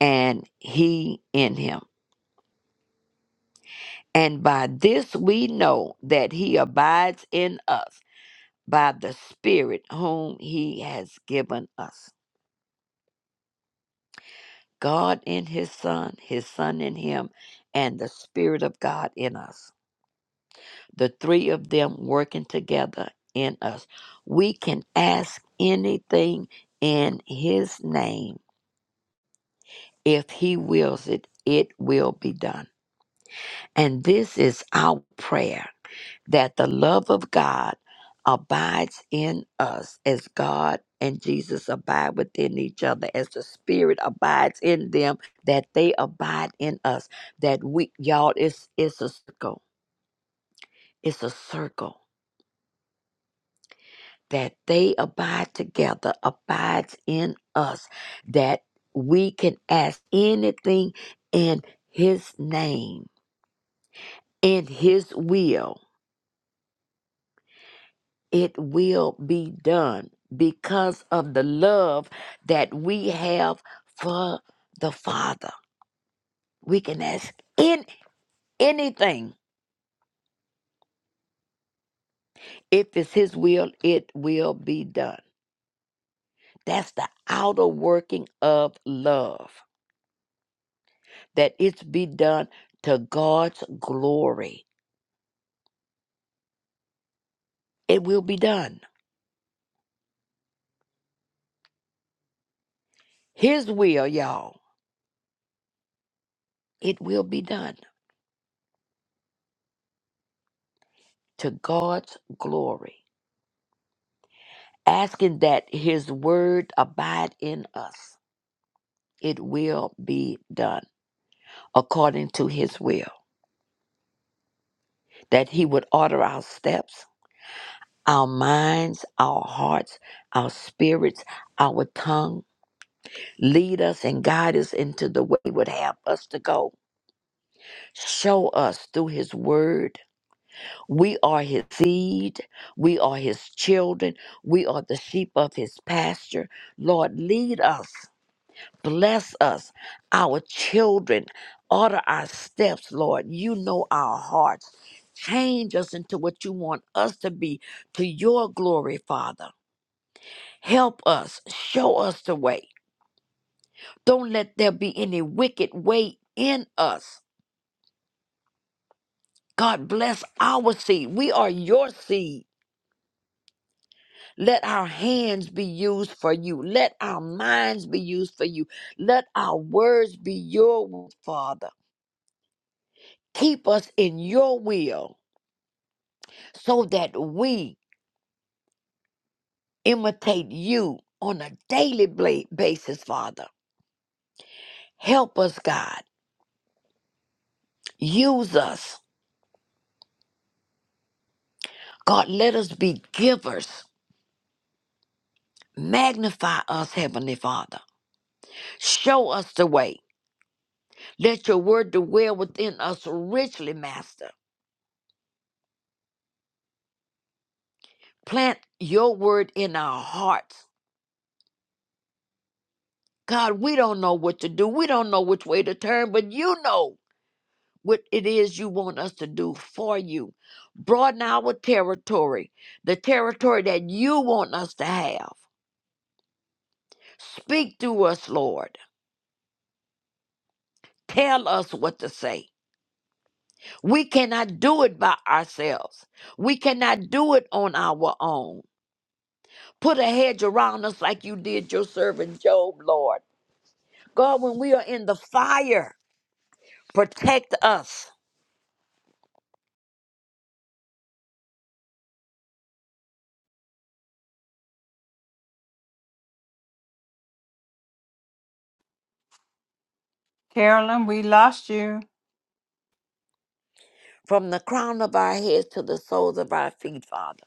Speaker 10: and he in him. And by this we know that he abides in us by the spirit whom he has given us. God in His Son, His Son in Him, and the Spirit of God in us. The three of them working together in us. We can ask anything in His name. If He wills it, it will be done. And this is our prayer that the love of God abides in us as God and Jesus abide within each other, as the Spirit abides in them, that they abide in us. That we, y'all, it's, it's a circle. It's a circle. That they abide together abides in us, that we can ask anything in His name, in His will it will be done because of the love that we have for the Father. We can ask in anything. If it's His will, it will be done. That's the outer working of love, that it's be done to God's glory. It will be done. His will, y'all, it will be done to God's glory. Asking that His word abide in us it will be done according to his will, that he would order our steps, our minds, our hearts, our spirits, our tongue, lead us and guide us into the way he would have us to go. Show us through his word. We are his seed. We are his children. We are the sheep of his pasture. Lord, lead us. Bless us, our children. Order our steps, Lord. You know our hearts. Change us into what you want us to be to your glory, Father. Help us. Show us the way. Don't let there be any wicked way in us. God bless our seed. We are your seed. Let our hands be used for you. Let our minds be used for you. Let our words be your, will, Father. Keep us in your will so that we imitate you on a daily bla- basis, Father. Help us, God. Use us. God, let us be givers. Magnify us, Heavenly Father. Show us the way. Let your word dwell within us richly, Master. Plant your word in our hearts. God, we don't know what to do. We don't know which way to turn, but you know. what it is you want us to do for you. Broaden our territory, the territory that you want us to have. Speak to us, Lord. Tell us what to say. We cannot do it by ourselves. We cannot do it on our own. Put a hedge around us like you did your servant Job, Lord. God, when we are in the fire, protect us
Speaker 1: Carolyn, we lost you.
Speaker 10: from the crown of our heads to the soles of our feet, Father.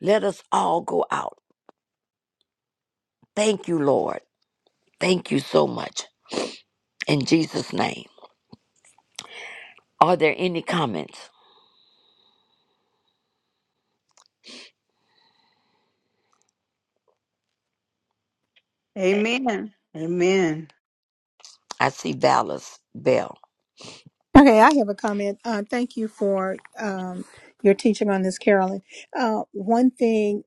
Speaker 10: Let us all go out. Thank you, Lord. Thank you so much. In Jesus' name. Are there any comments?
Speaker 1: Amen. Amen.
Speaker 10: I see Dallas Bell.
Speaker 2: Okay, I have a comment. Uh, thank you for um, your teaching on this, Carolyn. Uh, one thing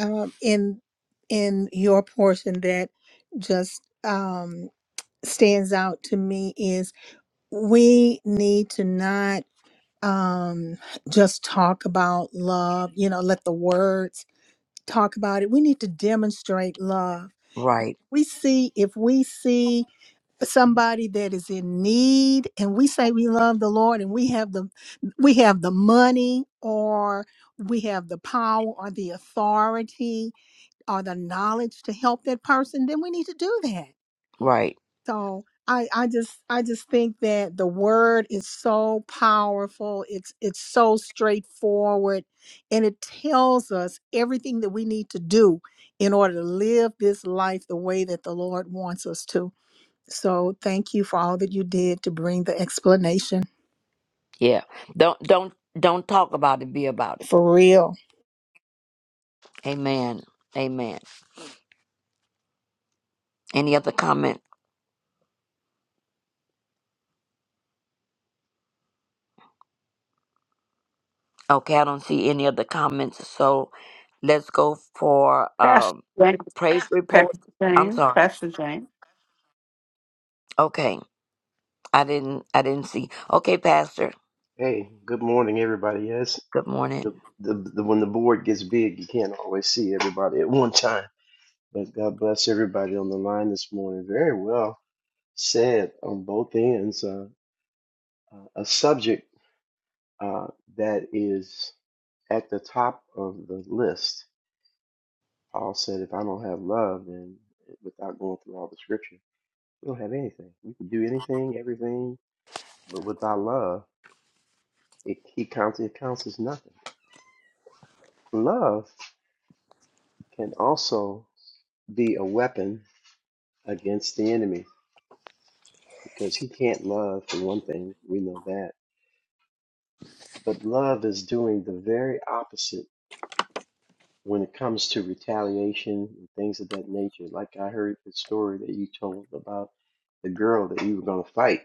Speaker 2: um, in in your portion that just um, stands out to me is. we need to not um just talk about love you know let the words talk about it we need to demonstrate love
Speaker 10: Right,
Speaker 2: we see if we see somebody that is in need and we say we love the lord and we have the we have the money or we have the power or the authority or the knowledge to help that person then we need to do that
Speaker 10: right.
Speaker 2: so I, I just I just think that the word is so powerful. It's it's so straightforward and it tells us everything that we need to do in order to live this life the way that the Lord wants us to. So thank you for all that you did to bring the explanation
Speaker 10: Yeah. Don't don't don't talk about it, be about it.
Speaker 2: for real.
Speaker 10: Amen. Amen. Any other comment? Okay, I don't see any other comments. So let's go for
Speaker 1: Pastor
Speaker 10: um
Speaker 1: James.
Speaker 10: praise report.
Speaker 1: Pastor
Speaker 10: I'm
Speaker 1: James.
Speaker 10: sorry.
Speaker 1: Pastor James.
Speaker 10: Okay. I didn't I didn't see. Okay, Pastor.
Speaker 12: Hey, good morning, everybody. Yes,
Speaker 10: Good morning.
Speaker 12: the, the the when the board gets big, you can't always see everybody at one time. But God bless everybody on the line this morning. Very well said on both ends. Uh, uh, a subject uh, that is at the top of the list. Paul said, "If I don't have love, then without going through all the scripture, we don't have anything. We can do anything, everything, but without love, it he counts it counts as nothing. Love can also." be a weapon against the enemy because he can't love for one thing we know that but love is doing the very opposite when it comes to retaliation and things of that nature like i heard the story that you told about the girl that you were going to fight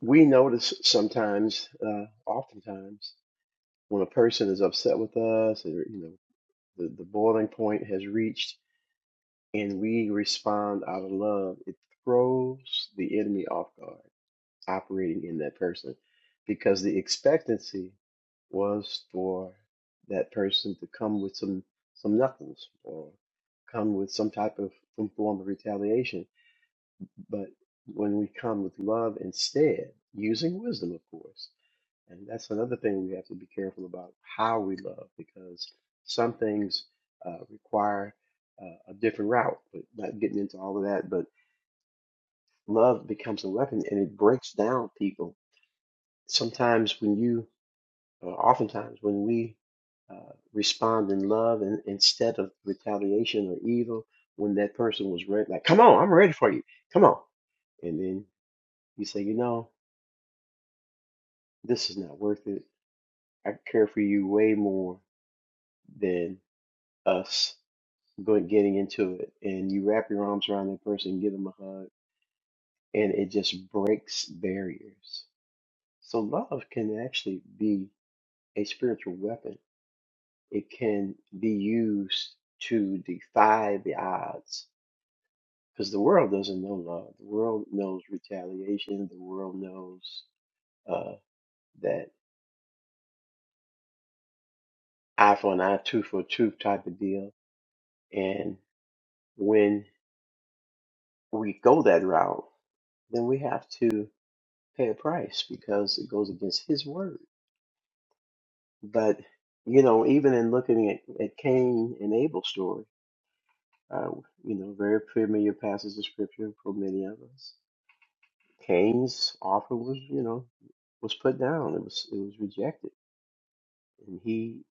Speaker 12: we notice sometimes uh, oftentimes when a person is upset with us or you know the, the boiling point has reached and we respond out of love it throws the enemy off guard operating in that person because the expectancy was for that person to come with some some knuckles or come with some type of some form of retaliation but when we come with love instead using wisdom of course and that's another thing we have to be careful about how we love because some things uh, require uh, a different route but not getting into all of that but love becomes a weapon and it breaks down people sometimes when you, or oftentimes when we uh, respond in love and instead of retaliation or evil, when that person was ready, like, come on, I'm ready for you. Come on. And then you say, you know, this is not worth it. I care for you way more than us going getting into it. And you wrap your arms around that person, give them a hug, and it just breaks barriers. So love can actually be a spiritual weapon It can be used to defy the odds because the world doesn't know love. The world knows retaliation. The world knows uh, that eye for an eye, tooth for a tooth type of deal. And when we go that route, then we have to pay a price because it goes against his word. But, you know, even in looking at, at Cain and Abel's story, uh, you know, very familiar passage of scripture for many of us. Cain's offer was, you know, was put down. It was it was rejected, and he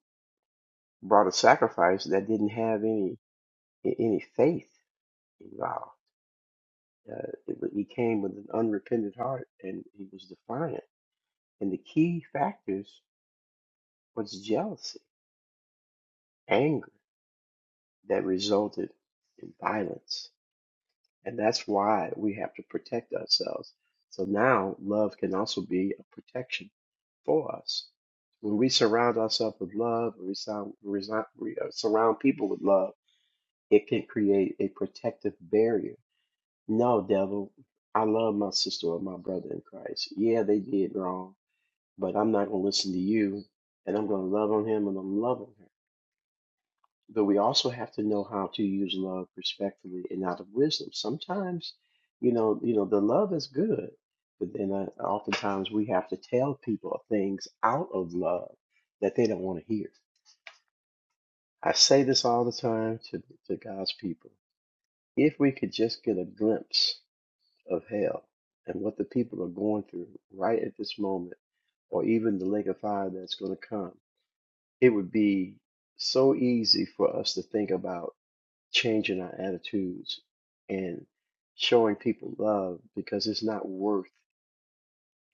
Speaker 12: brought a sacrifice that didn't have any any faith involved. Uh, it, wa- he came with an unrepentant heart, and he was defiant. And the key factors was jealousy, anger that resulted in violence. And that's why we have to protect ourselves. So now love can also be a protection for us. When we surround ourselves with love, we sound- we we, uh, surround people with love, it can create a protective barrier. No, devil, I love my sister or my brother in Christ. Yeah, they did wrong, but I'm not going to listen to you, and I'm going to love on him and I'm loving her. But we also have to know how to use love respectfully and out of wisdom. Sometimes, you know, you know, the love is good, but then uh, oftentimes we have to tell people things out of love that they don't want to hear. I say this all the time to to God's people. If we could just get a glimpse of hell and what the people are going through right at this moment, or even the lake of fire that's going to come, it would be so easy for us to think about. changing our attitudes and showing people love because it's not worth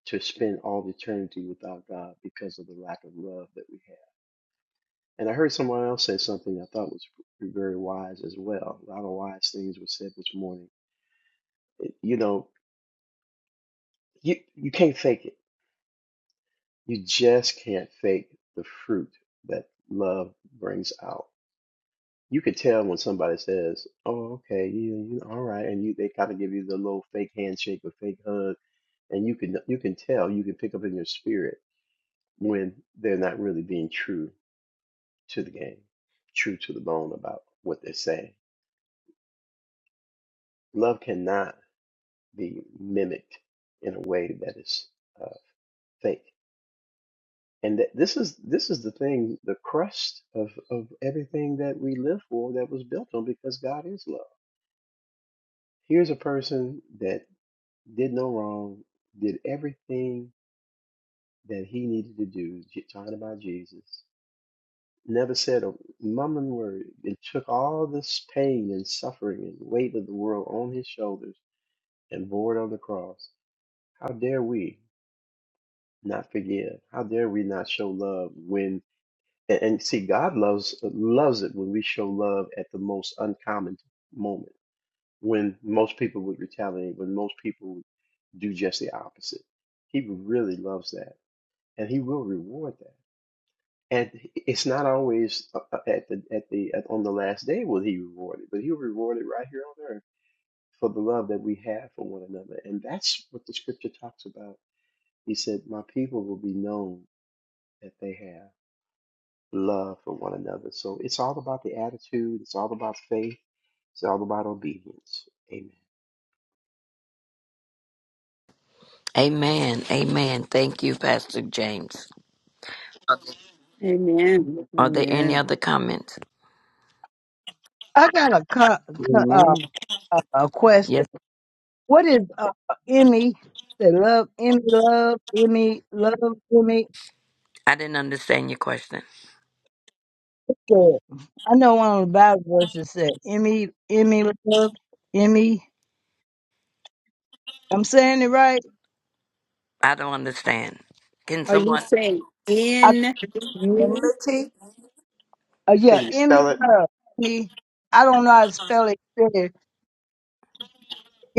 Speaker 12: to spend all eternity without God because of the lack of love that we have. And I heard someone else say something I thought was very wise as well. A lot of wise things were said this morning. It- you know, you, you can't fake it. You just can't fake the fruit that love brings out. You could tell when somebody says, "Oh, okay, you, you all right," and you they kind of give you the little fake handshake or fake hug and you can you can tell you can pick up in your spirit when they're not really being true to the game true to the bone about what they're saying love cannot be mimicked in a way that is uh, fake and that this is this is the thing the crust of of everything that we live for that was built on because god is love here's a person that did no wrong did everything that he needed to do j- talking about jesus never said a mumbling word, and took all this pain and suffering and weight of the world on his shoulders and bore it on the cross. How dare we not forgive? How dare we not show love when and, and see God loves loves it when we show love at the most uncommon moment, when most people would retaliate, when most people would do just the opposite. He really loves that, and he will reward that. and it's not always uh, uh, at the at the at, on the last day will he reward it, but he'll reward it right here on earth for the love that we have for one another, and that's what the scripture talks about. He said, "My people will be known that they have love for one another." So it's all about the attitude. It's all about faith. It's all about obedience. Amen.
Speaker 10: Amen. Amen. Thank you, Pastor James.
Speaker 1: Amen.
Speaker 10: Are there any
Speaker 1: Amen.
Speaker 10: other comments?
Speaker 5: I got a, co- co- uh,
Speaker 13: Amen.
Speaker 5: uh, a
Speaker 10: Yes.
Speaker 5: question. What is uh, Emmy? The love, Emmy, love, Emmy, love, Emmy.
Speaker 10: I didn't understand your question.
Speaker 5: Said. I know one of the Bible verses said Emmy, Emmy, love, Emmy. I'm saying it right.
Speaker 10: I don't understand. Can
Speaker 1: Are you
Speaker 10: someone
Speaker 1: saying in me?
Speaker 3: Enmity
Speaker 5: Uh, yeah,
Speaker 12: Can you
Speaker 5: Emmy
Speaker 12: spell it?
Speaker 5: Love. Me, I don't know how to spell it. Really.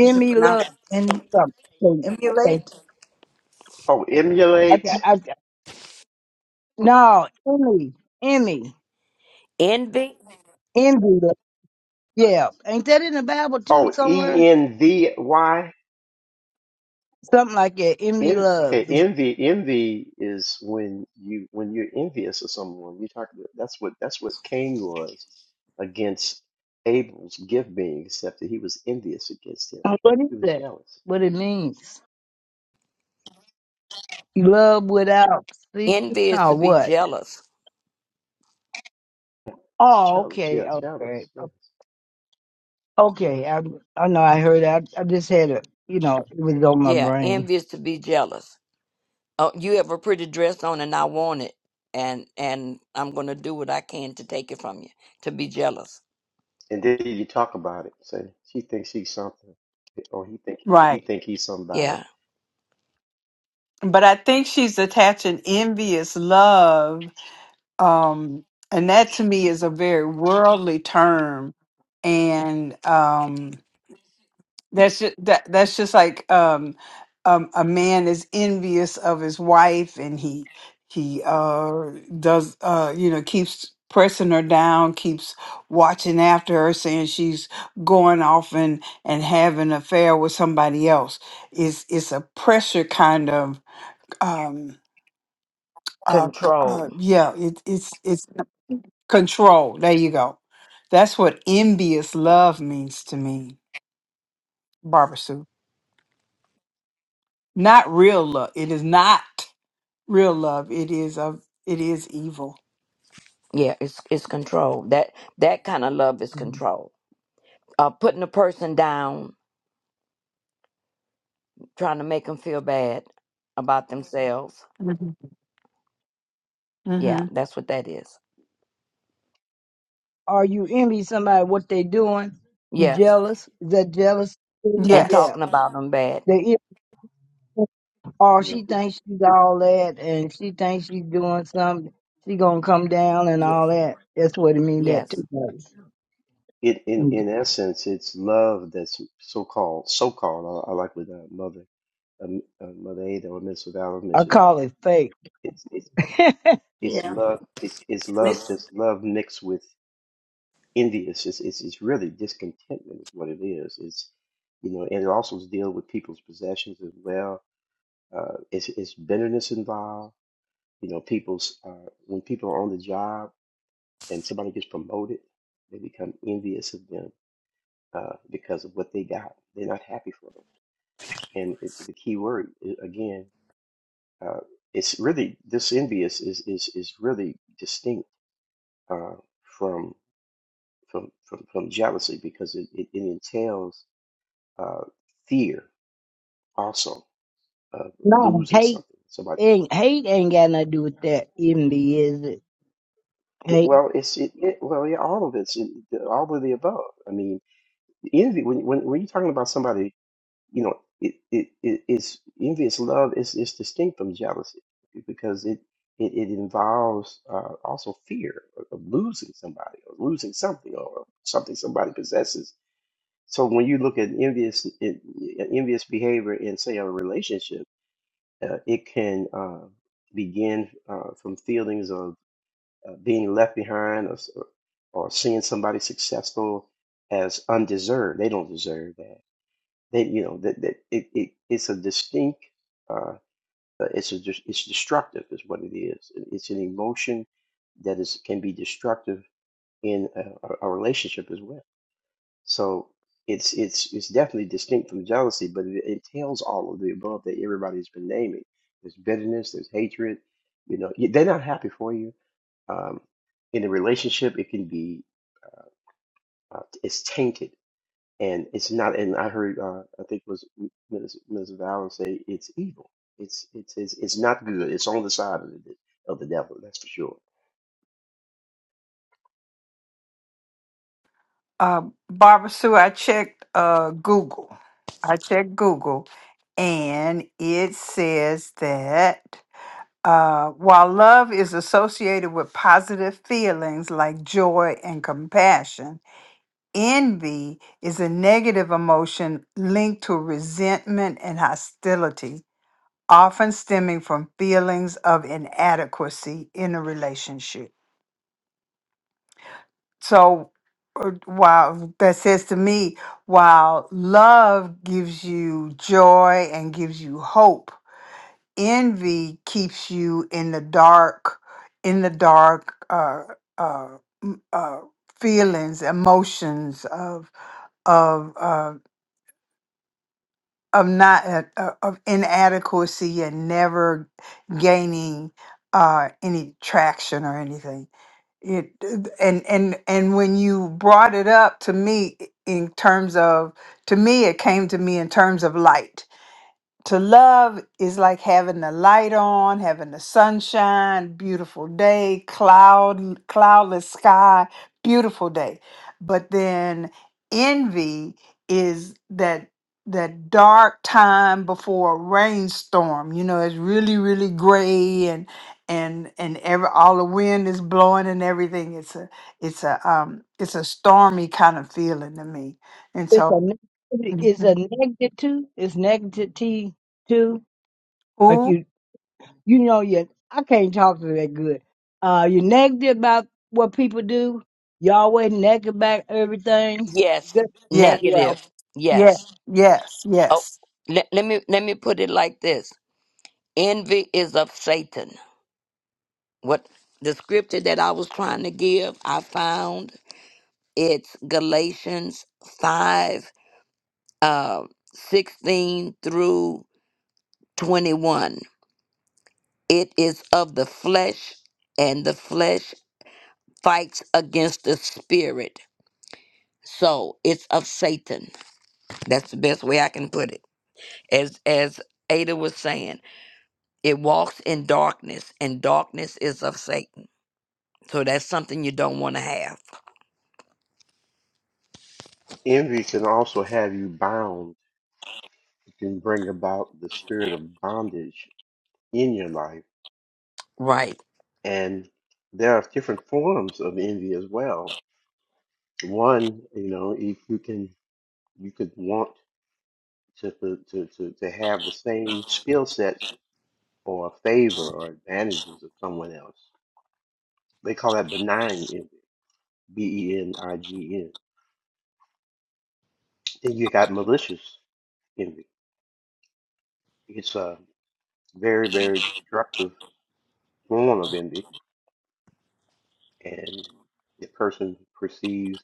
Speaker 3: is it
Speaker 5: Love
Speaker 3: pronounced en-
Speaker 5: something. Okay,
Speaker 3: emulate?
Speaker 12: Oh,
Speaker 5: okay.
Speaker 12: emulate.
Speaker 5: I, got- no, Emmy, Emmy,
Speaker 10: envy?
Speaker 5: Emmy Love. Yeah, ain't that in the Bible too
Speaker 12: Oh,
Speaker 5: somewhere?
Speaker 12: E N V Y.
Speaker 5: Something like that. Emmy
Speaker 12: En
Speaker 5: Love
Speaker 12: okay,
Speaker 5: is
Speaker 12: envy envy is when you when you're envious of someone. You talk about that's what that's what Cain was against Abel's gift being accepted. He was envious against him.
Speaker 5: um, what is
Speaker 12: He was
Speaker 5: that?
Speaker 12: jealous.
Speaker 5: What it means? You love without see
Speaker 10: Envy is to
Speaker 5: or
Speaker 10: be
Speaker 5: what?
Speaker 10: jealous.
Speaker 12: It's
Speaker 5: Oh,
Speaker 12: jealous,
Speaker 5: okay,
Speaker 12: yeah,
Speaker 5: okay,
Speaker 12: jealous, yes.
Speaker 5: okay. I I know I heard. I I just had a you know it was on my
Speaker 10: Yeah,
Speaker 5: brain.
Speaker 10: envy is to be jealous. Oh, you have a pretty dress on and I want it. And and I'm gonna do what I can to take it from you. To be jealous.
Speaker 12: And then you talk about it. Say she thinks she's something, or he think he
Speaker 1: Right.
Speaker 12: think he's somebody.
Speaker 10: Yeah.
Speaker 1: But I think she's attaching envious love um and that to me is a very worldly term and um that's just that that's just like um um a man is envious of his wife and he he uh does uh you know keeps pressing her down keeps watching after her saying she's going off and and having an affair with somebody else is it's it's a pressure kind of um uh, c- uh
Speaker 10: Control.
Speaker 1: yeah it, it's it's Control. There you go. That's what envious love means to me, Barbara Sue. Not real love. It is not real love. It is a. It is evil.
Speaker 10: Yeah, it's it's control. That that kind of love is
Speaker 1: Mm-hmm.
Speaker 10: control. Uh putting a person down, trying to make them feel bad about themselves. Yeah,
Speaker 1: hmm
Speaker 10: that's what that is.
Speaker 5: Are you envy somebody what they doing? You
Speaker 10: Yes.
Speaker 5: jealous? Is that jealous?
Speaker 10: And
Speaker 1: Yes,
Speaker 5: Yeah.
Speaker 10: talking about them bad.
Speaker 5: They envy- or
Speaker 12: Yeah.
Speaker 5: she thinks she's all that and she thinks she's doing something. She gonna come down and
Speaker 10: Ye-
Speaker 5: all that. That's what it mean that
Speaker 10: Yes.
Speaker 5: too.
Speaker 12: It in
Speaker 5: Okay.
Speaker 12: in essence, it's love that's so called so called. I, I like what uh, mother um, uh, Mother Ada or Mr. Allen
Speaker 5: I
Speaker 12: mentioned that
Speaker 5: call it fake.
Speaker 12: it's it's it's
Speaker 3: Yeah,
Speaker 12: love it's it's love
Speaker 3: Mis-
Speaker 12: that's love mixed with envy it's just it's it's really discontentment is what it is it's you know and it also deal with people's possessions as well uh it's it's bitterness involved you know people's uh when people are on the job and somebody gets promoted they become envious of them uh because of what they got they're not happy for them and it, the key word i- again uh it's really this envious is is is really distinct uh, from from from, from jealousy because it, it, it entails uh, fear also of
Speaker 5: no
Speaker 12: losing
Speaker 5: hate
Speaker 12: something. Somebody,
Speaker 5: ain't hate ain't got nothing to do with that envy, is it? Hate
Speaker 12: well, it's it, it well, yeah, all of it's it, all of the above. I mean, envy when when when you're talking about somebody, you know, it it it is envious love is is distinct from jealousy because it. It, it involves uh, also fear of of losing somebody or losing something or something somebody possesses So when you look at envious en- envious behavior in say a relationship, uh, it can uh, begin uh, from feelings of uh, being left behind or, s- or seeing somebody successful as undeserved. They don't deserve that. They you know that, that it, it it's a distinct uh, uh, it's a dis- it's destructive is what it is. It- It's an emotion that is can be destructive in a, a a relationship as well so it's it's it's definitely distinct from jealousy, but it entails all of the above that everybody's been naming. There's bitterness, there's hatred. You know, y- they're not happy for you. Um, in a relationship, it can be uh, it's tainted, and it's not. And I heard uh, I think it was Ms. Ms. Valen say it's evil. It's it's it's it's not good. It's on the side of the of the devil. That's for sure.
Speaker 1: uh, Barbara Sue. I checked uh, Google. I checked Google, and it says that uh, while love is associated with positive feelings like joy and compassion Envy is a negative emotion linked to resentment and hostility, often stemming from feelings of inadequacy in a relationship. So, uh, while that says to me, while love gives you joy and gives you hope, envy keeps you in the dark, in the dark uh, uh, m- uh, feelings, emotions of of. uh, of not uh, uh, of inadequacy and never gaining uh any traction or anything it and and and when you brought it up to me in terms of to me it came to me in terms of light to love is like having the light on, having the sunshine, beautiful day, cloud cloudless sky, beautiful day. But then envy is that that dark time before a rainstorm. You know, it's really really gray and and and every all the wind is blowing and everything. It's a it's a um it's a stormy kind of feeling to me. And
Speaker 5: it's a
Speaker 1: so,
Speaker 5: negativity- it's a
Speaker 1: Mhm.
Speaker 5: negative too. It's negative too. Like
Speaker 1: ooh,
Speaker 5: you. You know, you I can't talk to that good. Uh, you're negative about what people do. You always negative about everything.
Speaker 10: Yes.
Speaker 5: Good-
Speaker 1: yeah.
Speaker 5: Yeah,
Speaker 10: Negative.
Speaker 1: Yes,
Speaker 10: Yes.
Speaker 1: yes,
Speaker 10: Oh,
Speaker 1: yes.
Speaker 10: let, let me let me put it like this. Envy is of Satan. What the scripture that I was trying to give, I found it's Galatians 5 uh 16 through 21. It is of the flesh and the flesh fights against the spirit. So, it's of Satan That's the best way I can put it. As as Ada was saying, it walks in darkness, and darkness is of Satan. So that's something you don't want to have.
Speaker 12: Envy can also have you bound. It can bring about the spirit of bondage in your life
Speaker 10: Right.
Speaker 12: And there are different forms of envy as well. One, you know, if you can, you could want to to to to, to have the same skill sets or favor or advantages of someone else. They call that benign envy, B E N I G N. Then you got malicious envy. It's a very, very destructive form of envy, and the person perceives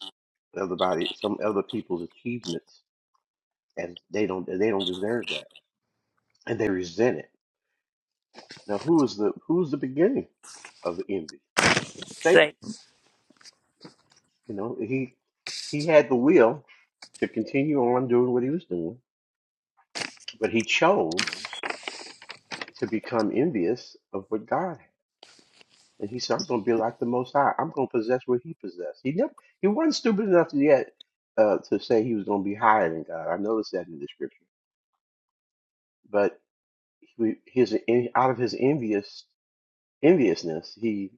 Speaker 12: other body, some other people's achievements as they don't they don't deserve that and they resent it. Now, who is the who's the beginning of the envy? Satan.
Speaker 10: Satan.
Speaker 12: You know, he he had the will to continue on doing what he was doing, but he chose to become envious of what God had. And he said, "I'm going to be like the Most High. I'm going to possess what He possessed." He never he wasn't stupid enough yet uh, to say he was going to be higher than God. I noticed that in the scripture, but he, his out of his envious. enviousness. He,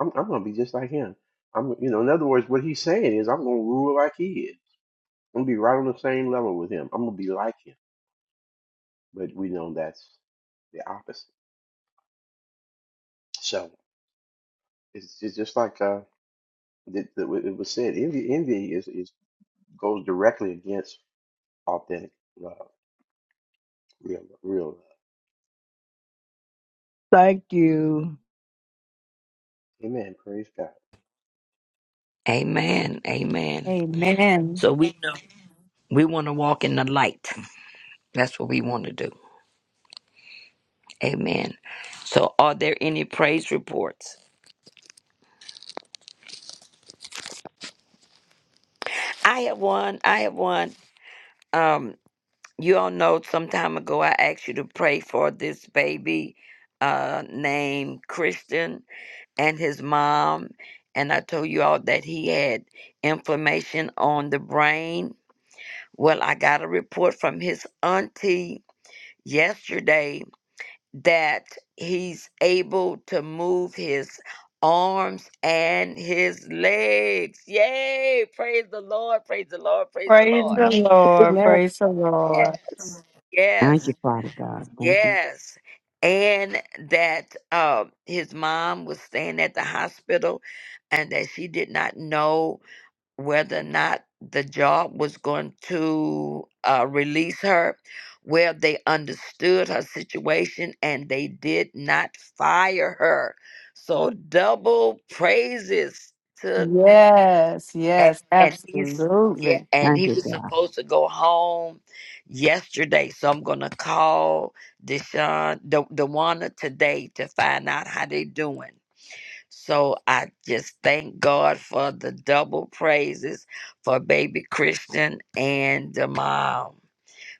Speaker 12: I'm, I'm going to be just like him. I'm, you know, in other words, what he's saying is, I'm going to rule like he is. I'm going to be right on the same level with him. I'm going to be like him. But we know that's the opposite. So it's, it's just like uh, the, the, what it was said. Envy, envy is, is goes directly against authentic love, real, real love.
Speaker 5: thank you.
Speaker 12: Amen. Praise God.
Speaker 10: Amen. Amen.
Speaker 1: Amen.
Speaker 10: So we know we want to walk in the light. That's what we want to do. Amen. So are there any praise reports? I have one. I have one. Um, you all know some time ago I asked you to pray for this baby uh named Christian and his mom. And I told you all that he had inflammation on the brain. Well, I got a report from his auntie yesterday that he's able to move his arms and his legs. Yay! Praise the Lord! Praise the Lord! Praise the
Speaker 1: Praise
Speaker 10: Lord!
Speaker 1: the
Speaker 5: Hey,
Speaker 1: Lord.
Speaker 5: man,
Speaker 1: Praise the Lord.
Speaker 10: Yes. Yes.
Speaker 13: Thank you, Father God. Thank you.
Speaker 10: Yes. And that uh, his mom was staying at the hospital and that she did not know whether or not the job was going to uh, release her. Well, they understood her situation and they did not fire her. So, double praises to them
Speaker 1: Yes,
Speaker 10: and,
Speaker 1: yes,
Speaker 10: and he's yeah,
Speaker 1: absolutely.
Speaker 10: and
Speaker 13: Thank
Speaker 10: he
Speaker 13: you,
Speaker 10: was
Speaker 13: God.
Speaker 10: supposed to go home yesterday. So I'm gonna call Deshaun the Dewana today to find out how they doing. So I just thank God for the double praises for baby Christian and the mom.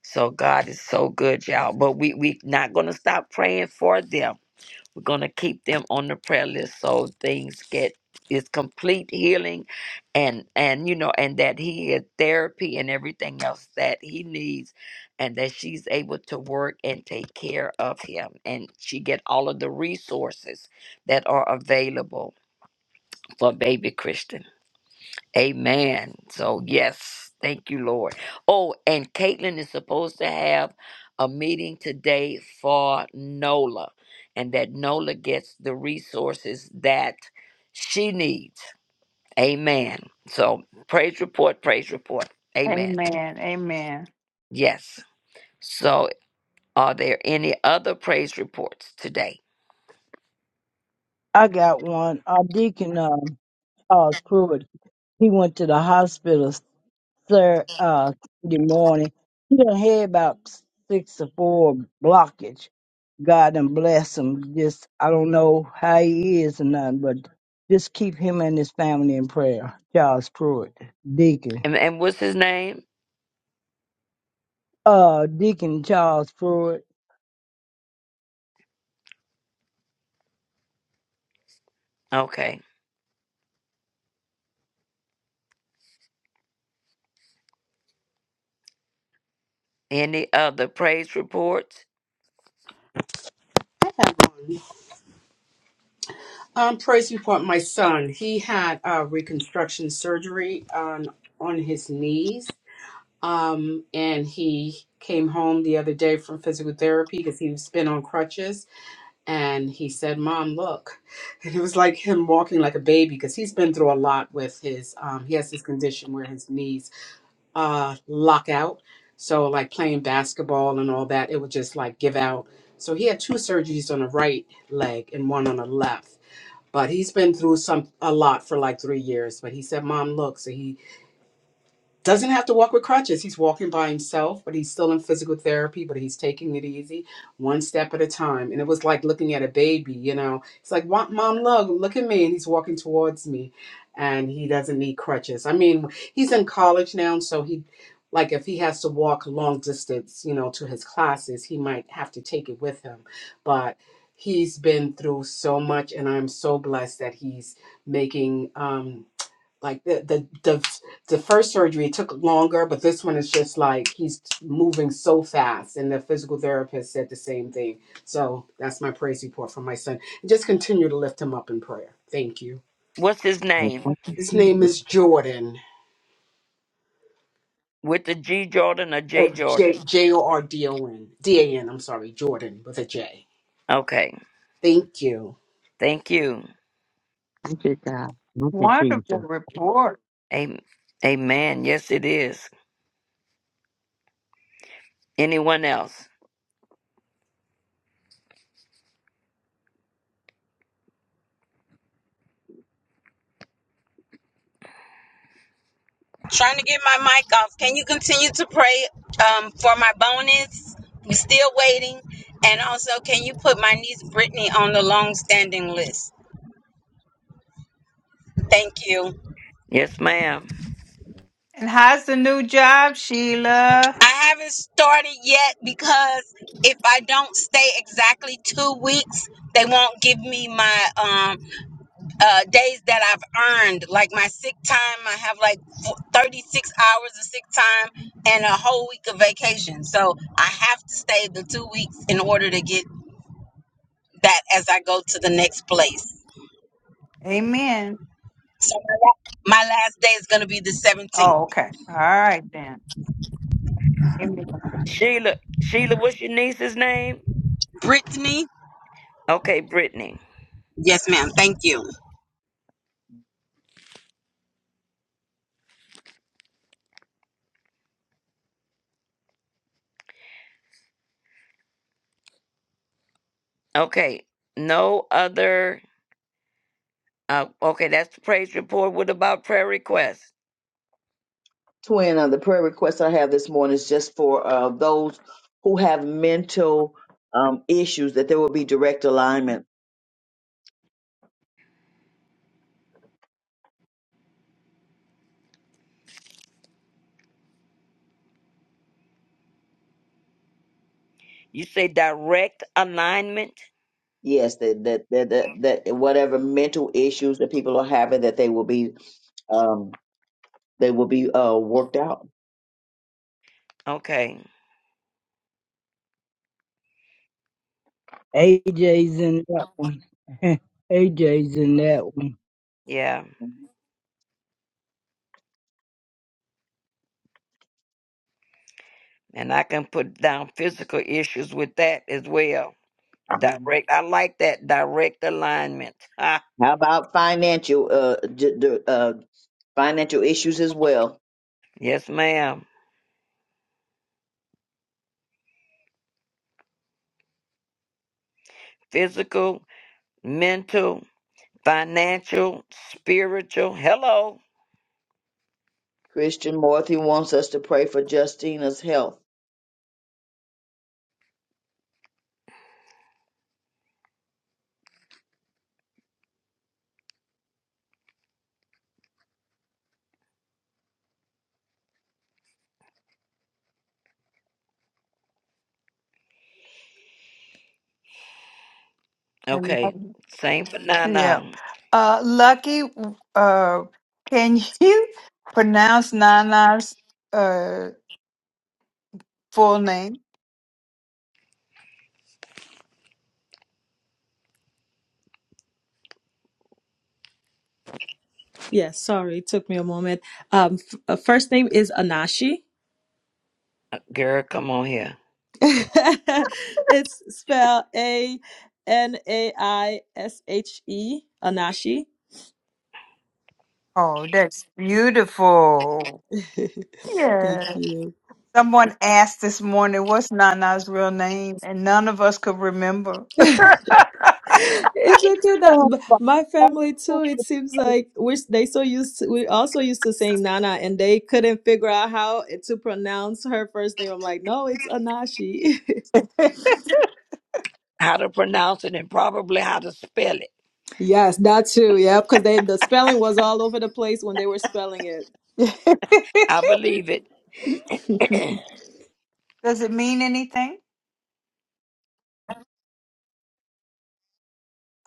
Speaker 10: So God is so good, y'all. But we we not gonna stop praying for them we're going to keep them on the prayer list so things get is complete healing and and you know and that he had therapy and everything else that he needs and that she's able to work and take care of him and she get all of the resources that are available for baby Christian. Amen. So, yes, thank you, Lord. Oh, and Caitlin is supposed to have a meeting today for NOLA, and that NOLA gets the resources that she needs. Amen. So, praise report, praise report. Amen.
Speaker 1: Amen. Amen.
Speaker 10: Yes. So, are there any other praise reports today?
Speaker 5: I got one. Our deacon, um, Charles Pruitt, he went to the hospital sir. Uh, good morning. He done had about six or four blockage. God done bless him. Just I don't know how he is or nothing, but just keep him and his family in prayer. Charles Pruitt, Deacon.
Speaker 10: And, and what's his name?
Speaker 5: Uh, Deacon Charles Pruitt.
Speaker 10: Okay. Any other praise reports?
Speaker 8: I'm praising for my son. He had uh, reconstruction surgery on on his knees, um, and he came home the other day from physical therapy because he was been on crutches. And he said, "Mom, look," and it was like him walking like a baby because he's been through a lot with his. Um, he has this condition where his knees uh, lock out, so like playing basketball and all that, it would just like give out. So he had two surgeries on the right leg and one on the left but he's been through some a lot for like three years. But he said, "Mom, look." So he doesn't have to walk with crutches. He's walking by himself, but he's still in physical therapy, but he's taking it easy, one step at a time. And it was like looking at a baby, you know. It's like, "Wa- Mom, look, look at me. And he's walking towards me, and he doesn't need crutches. I mean, he's in college now, so he, like, if he has to walk long distance, you know, to his classes, he might have to take it with him. But he's been through so much, and I'm so blessed that he's making, um, like the the the, the first surgery took longer but this one is just like he's moving so fast and the physical therapist said the same thing so that's my praise report for my son and just continue to lift him up in prayer thank you
Speaker 10: What's his name?
Speaker 13: Thank you,
Speaker 8: his name
Speaker 13: Jesus.
Speaker 8: is jordan
Speaker 10: With the G Jordan or J
Speaker 8: uh,
Speaker 10: Jordan?
Speaker 8: j j o r d o n d a n i'm sorry jordan with a j
Speaker 10: Okay.
Speaker 8: thank you
Speaker 10: Thank you.
Speaker 13: Thank you, God. Thank you,
Speaker 1: Wonderful
Speaker 13: Jesus.
Speaker 1: report.
Speaker 10: Am- Amen. Yes, it is. Anyone else?
Speaker 14: Trying to get my mic off. Can you continue to pray um, for my bonus? We're still waiting. And also, can you put my niece Brittany on the long standing list? Thank you.
Speaker 10: Yes, ma'am.
Speaker 1: And how's the new job, Sheila?
Speaker 14: I haven't started yet because if I don't stay exactly two weeks, they won't give me my um, uh, days that I've earned, like my sick time. I have like f- 36 hours of sick time and a whole week of vacation. So I have to stay the two weeks in order to get that as I go to the next place.
Speaker 1: Amen.
Speaker 14: So my, la- my last day is going to be the
Speaker 1: Oh,
Speaker 14: 17th.
Speaker 1: okay. All right then. Amen.
Speaker 10: Sheila. Sheila, what's your niece's name?
Speaker 14: Brittany,
Speaker 10: Okay, Brittany.
Speaker 14: yes, ma'am. Thank you.
Speaker 10: Okay. No other. Uh, okay, that's the praise report. What about prayer requests?
Speaker 7: Twin, uh, the prayer request I have this morning is just for uh, those who have mental um, issues that there will be direct alignment.
Speaker 10: You say direct alignment.
Speaker 7: Yes, that that that that, that whatever mental issues that people are having, that they will be um, they will be uh, worked out
Speaker 10: Okay.
Speaker 5: AJ's in that one. AJ's in that one.
Speaker 10: Yeah. And I can put down physical issues with that as well.
Speaker 7: Mhm.
Speaker 10: Direct. I like that. Direct alignment.
Speaker 7: How about financial uh, d- d- uh, financial issues as well?
Speaker 10: yes, ma'am. Physical, mental, financial, spiritual. Hello.
Speaker 7: Christian Morthy wants us to pray for Justina's health.
Speaker 1: And-
Speaker 10: Okay. Same for
Speaker 1: Yeah.
Speaker 10: Nana.
Speaker 1: Uh Lucky, uh can you pronounce Nana's uh full name?
Speaker 15: Yes, sorry, it took me a moment. Um, f- uh, first name is Anashi.
Speaker 10: Girl, come on here.
Speaker 15: it's spelled A N A I S H E, Anashi.
Speaker 1: Oh, that's beautiful.
Speaker 15: Anashi. Thank
Speaker 1: Yeah.
Speaker 15: you.
Speaker 1: Someone asked this morning, what's Nana's real name? And none of us could remember.
Speaker 15: it's okay that but my family too. It seems like we they so used to, we also used to saying Nana, and they couldn't figure out how to pronounce her first name. I'm like, no, it's Anashi.
Speaker 10: How to pronounce it and probably how to spell it.
Speaker 15: yes, that too. Yep, because they the spelling was all over the place when they were spelling it.
Speaker 10: I believe it.
Speaker 15: yeah.
Speaker 1: Does it mean anything?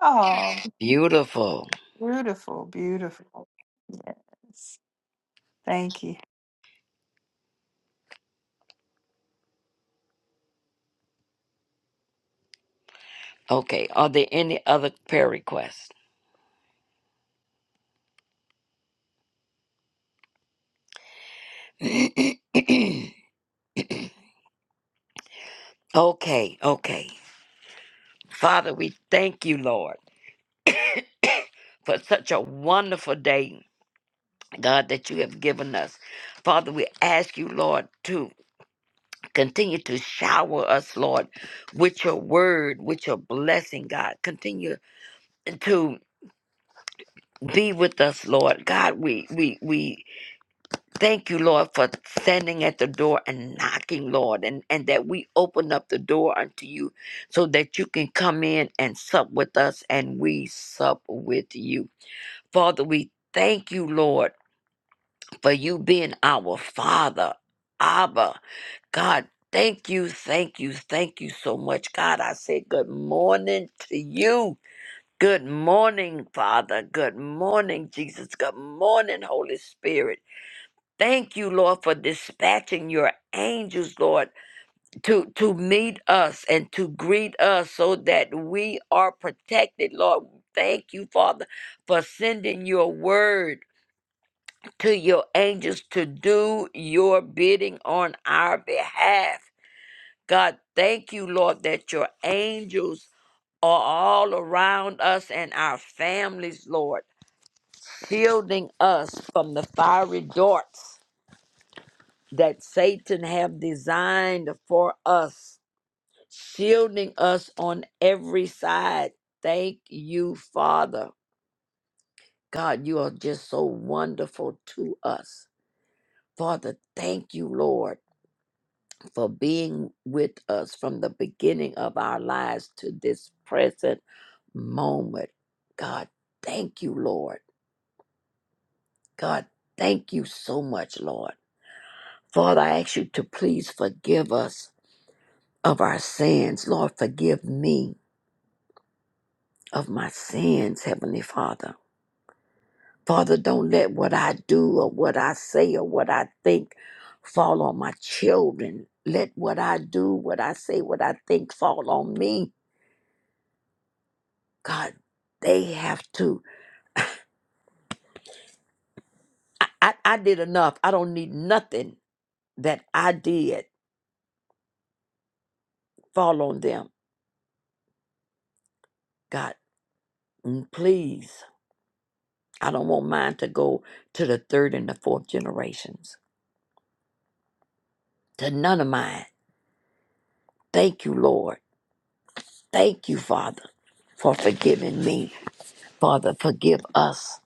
Speaker 1: Oh,
Speaker 10: Beautiful.
Speaker 1: beautiful, beautiful. Yes. Thank you.
Speaker 10: Okay. Are there any other prayer requests? okay. Okay. Father, we thank you, Lord, for such a wonderful day, God, that you have given us. Father, we ask you, Lord, too. Continue to shower us, Lord, with your word, with your blessing, God. Continue to be with us, Lord. God, we we we thank you, Lord, for standing at the door and knocking, Lord, and, and that we open up the door unto you so that you can come in and sup with us and we sup with you. Father, we thank you, Lord, for you being our Father. Abba. God, thank you, thank you, thank you so much. God, I say good morning to you. Good morning, Father. Good morning, Jesus. Good morning, Holy Spirit. Thank you, Lord, for dispatching your angels, Lord, to, to meet us and to greet us so that we are protected, Lord. Thank you, Father, for sending your word to your angels to do your bidding on our behalf. God, thank you, Lord, that your angels are all around us and our families, Lord, shielding us from the fiery darts that Satan have designed for us, shielding us on every side. Thank you, Father. God, you are just so wonderful to us. Father, thank you, Lord. for being with us from the beginning of our lives to this present moment. God, thank you, Lord. God, thank you so much, Lord. Father, I ask you to please forgive us of our sins. Lord, forgive me of my sins, Heavenly Father. Father, don't let what I do or what I say or what I think fall on my children. Let what I do, what I say, what I think fall on me God, they have to. I, I, I did enough. I don't need nothing that I did fall on them. God, mm, please, I don't want mine to go to the third and the fourth generations, to none of mine. Thank you, Lord. Thank you, Father, for forgiving me. Father, forgive us.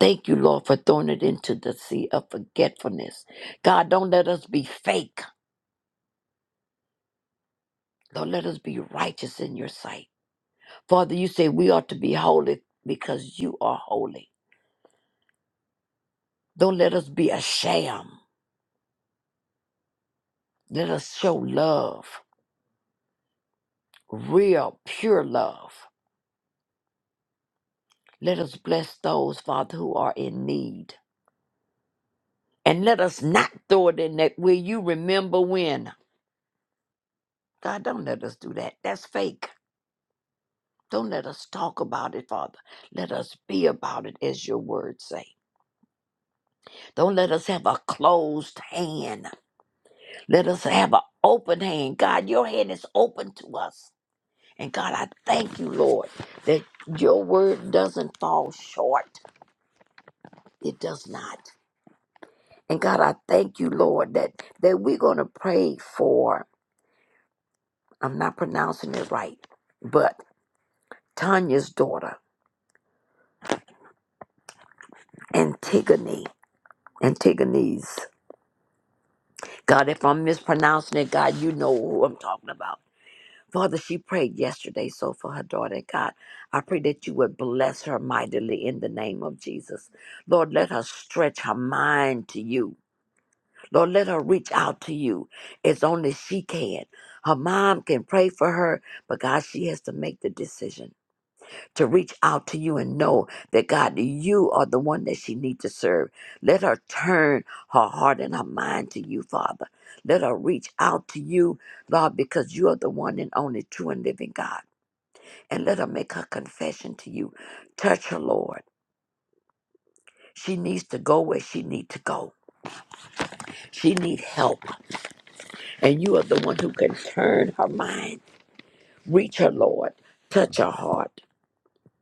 Speaker 10: Thank you, Lord, for throwing it into the sea of forgetfulness. God, don't let us be fake. Don't let us be righteous in your sight. Father, you say we ought to be holy because you are holy. Don't let us be a sham. Let us show love, real, pure love. Let us bless those, Father, who are in need. And let us not throw it in that where you remember when. God, don't let us do that. That's fake. Don't let us talk about it, Father. Let us be about it as your words say. Don't let us have a closed hand. Let us have an open hand. God, your hand is open to us. And God, I thank you, Lord, that your word doesn't fall short. It does not. And God, I thank you, Lord, that, that we're going to pray for, I'm not pronouncing it right, but Tanya's daughter, Antigone, Antigone's. God, if I'm mispronouncing it, God, you know who I'm talking about. Father, she prayed yesterday, so for her daughter, God, I pray that you would bless her mightily in the name of Jesus. Lord, let her stretch her mind to you. Lord, let her reach out to you as only she can. Her mom can pray for her, but God, she has to make the decision to reach out to you and know that God, you are the one that she needs to serve. Let her turn her heart and her mind to you, Father. Let her reach out to you, Lord, because you are the one and only true and living God. And let her make her confession to you. Touch her, Lord. She needs to go where she needs to go. She needs help. And you are the one who can turn her mind. Reach her, Lord. Touch her heart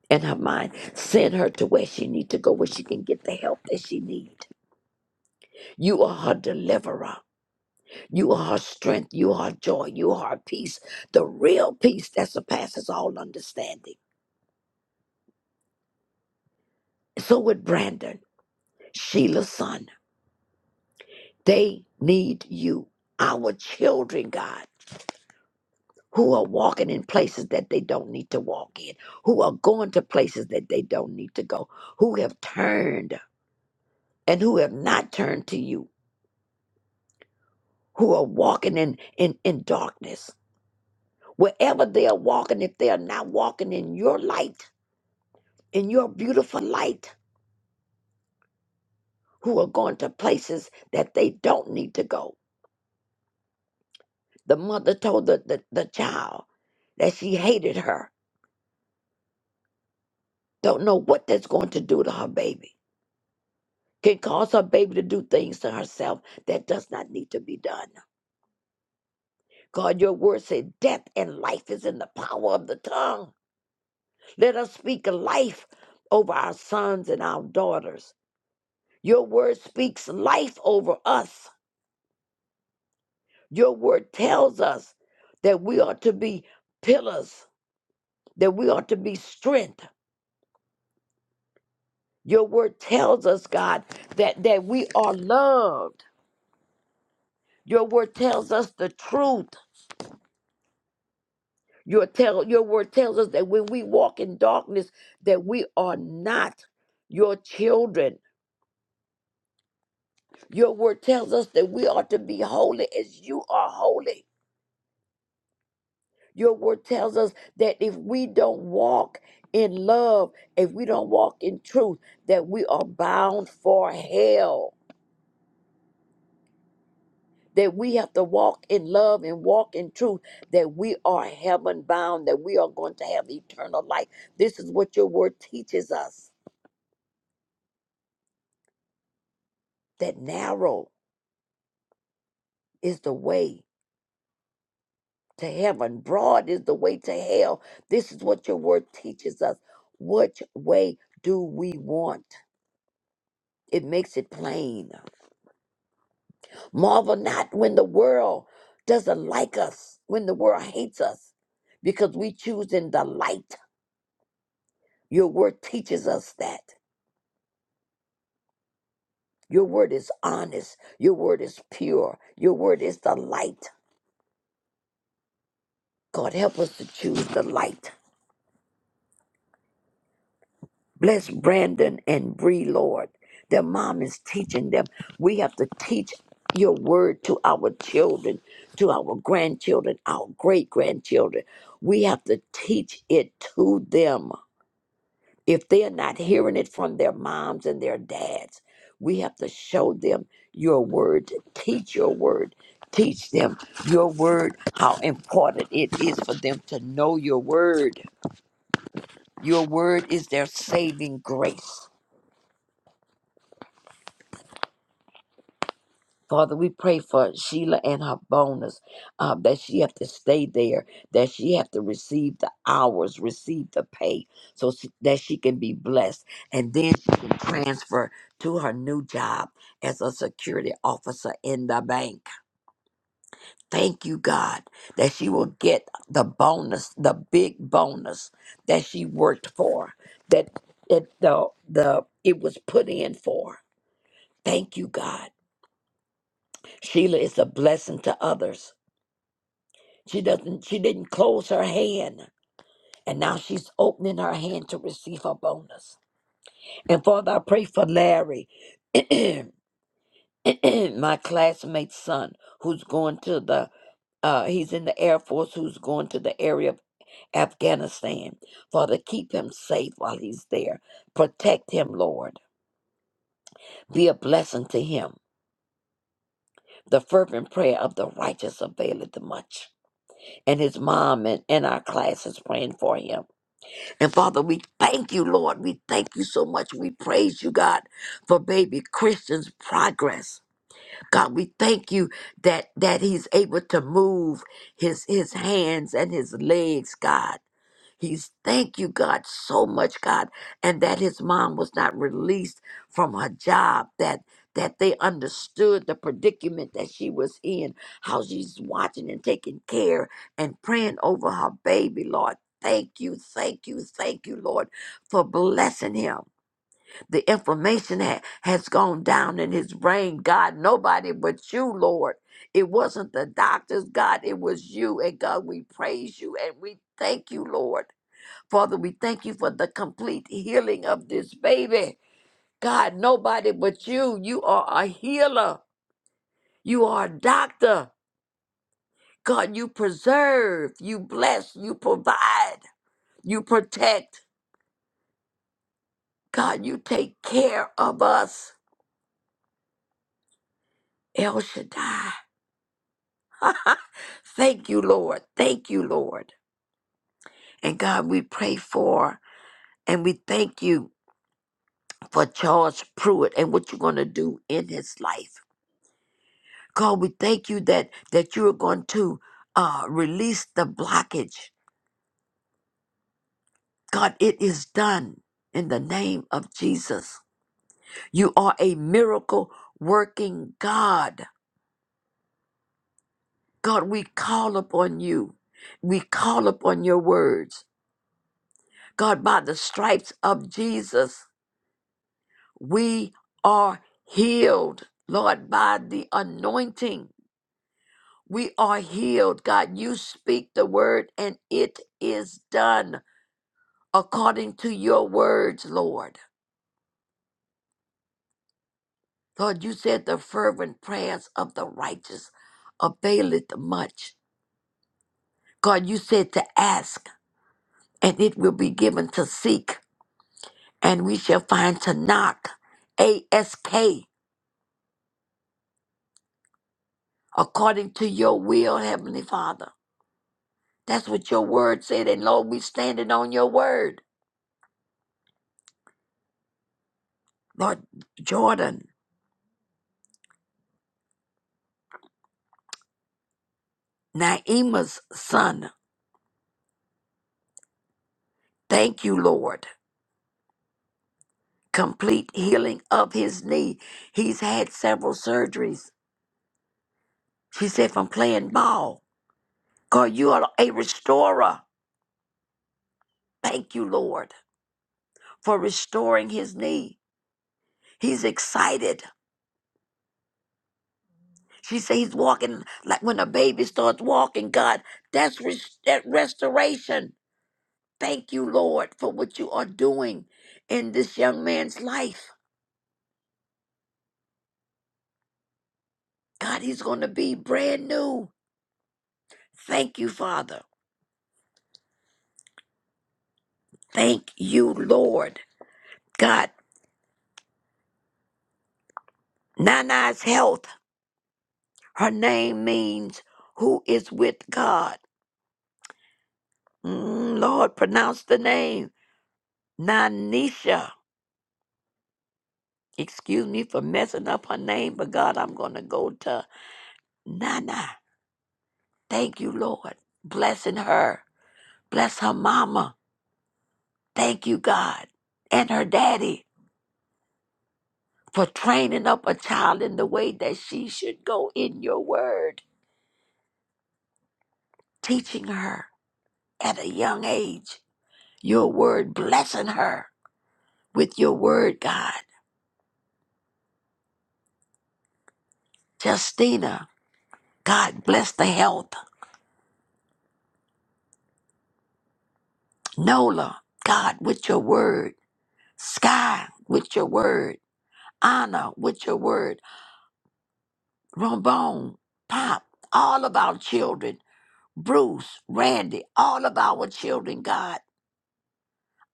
Speaker 10: and her mind. Send her to where she needs to go, where she can get the help that she needs. You are her deliverer. You are her strength. You are her joy. You are her peace. The real peace that surpasses all understanding. So with Brandon, Sheila's son, they need you. Our children, God. who are walking in places that they don't need to walk in, who are going to places that they don't need to go, who have turned and who have not turned to you, who are walking in, in, in darkness. Wherever they are walking, if they are not walking in your light, in your beautiful light, who are going to places that they don't need to go. The mother told the, the, the child that she hated her, don't know what that's going to do to her baby can cause her baby to do things to herself that does not need to be done. God, your word said death and life is in the power of the tongue. Let us speak life over our sons and our daughters. Your word speaks life over us. Your word tells us that we are to be pillars, that we are to be strength. Your word tells us, God, that, that we are loved. Your word tells us the truth. Your tell your word tells us that when we walk in darkness, that we are not your children. Your word tells us that we are to be holy as you are holy. Your word tells us that if we don't walk in love, if we don't walk in truth, that we are bound for hell. That we have to walk in love and walk in truth, that we are heaven bound, that we are going to have eternal life. This is what your word teaches us. That narrow is the way to heaven. Broad is the way to hell. This is what your word teaches us. Which way do we want? It makes it plain. Marvel not when the world doesn't like us, when the world hates us, because we choose in the light. Your word teaches us that. Your word is honest. Your word is pure. Your word is the light. God, help us to choose the light. Bless Brandon and Bree, Lord. Their mom is teaching them. We have to teach your word to our children, to our grandchildren, our great grandchildren. We have to teach it to them. If they're not hearing it from their moms and their dads, we have to show them your word, teach your word, teach them your word, how important it is for them to know your word. Your word is their saving grace. Father, we pray for Sheila and her bonus, uh, that she have to stay there, that she have to receive the hours, receive the pay, so she, that she can be blessed, and then she can transfer to her new job as a security officer in the bank. Thank you, God, that she will get the bonus, the big bonus that she worked for, that it the the it was put in for. Thank you, God. Sheila is a blessing to others. She doesn't she didn't close her hand and now she's opening her hand to receive her bonus. And Father, I pray for Larry, my classmate's son, who's going to the uh he's in the Air Force who's going to the area of Afghanistan. Father, keep him safe while he's there. Protect him, Lord. Be a blessing to him. The fervent prayer of the righteous availeth much. And his mom and, and our class is praying for him. And Father, we thank you, Lord. We thank you so much. We praise you, God, for baby Christian's progress. God, we thank you that that he's able to move his his hands and his legs, God. He's thank you, God, so much, God, and that his mom was not released from her job, that that they understood the predicament that she was in, how she's watching and taking care and praying over her baby, Lord. Thank you, thank you, thank you, Lord, for blessing him. The inflammation ha- has gone down in his brain, God. Nobody but you, Lord. It wasn't the doctors, God. It was you. And God, we praise you and we thank you, Lord. Father, we thank you for the complete healing of this baby. God, nobody but you. You are a healer. You are a doctor. God, you preserve, you bless, you provide, you protect. God, you take care of us. El Shaddai. Thank you, Lord. Thank you, Lord. And God, we pray for and we thank you for Charles Pruitt and what you're going to do in his life. God, we thank you that that you're going to uh, release the blockage. God, it is done in the name of Jesus. You are a miracle working God. God, we call upon you. We call upon your words. God, by the stripes of Jesus, we are healed. Lord, by the anointing, we are healed. God, you speak the word and it is done. according to your words, Lord. Lord, you said the fervent prayers of the righteous availeth much. God, you said to ask, and it will be given to seek, and we shall find to knock. ASK, according to your will, Heavenly Father. That's what your word said, and Lord, we standing on your word. Lord, Jordan, Naima's son, thank you, Lord. complete healing of his knee. He's had several surgeries. She said, from playing ball. God, you are a restorer. Thank you, Lord, for restoring his knee. He's excited. She said he's walking like when a baby starts walking, God. That's res- that restoration. Thank you, Lord, for what you are doing in this young man's life. God, he's going to be brand new. Thank you, Father. Thank you, Lord. God, Nana's health. Her name means who is with God. Mm, Lord, pronounce the name. Nanisha. Excuse me for messing up her name, but God, I'm going to go to Nana. Thank you, Lord. Blessing her. Bless her mama. Thank you, God. And her daddy for training up a child in the way that she should go in your word, teaching her at a young age, your word blessing her. with your word, God. Justina, God, bless the health. Nola, God, with your word. Sky, with your word. Anna, with your word. Rombone, Pop, all of our children. Bruce, Randy, all of our children, God.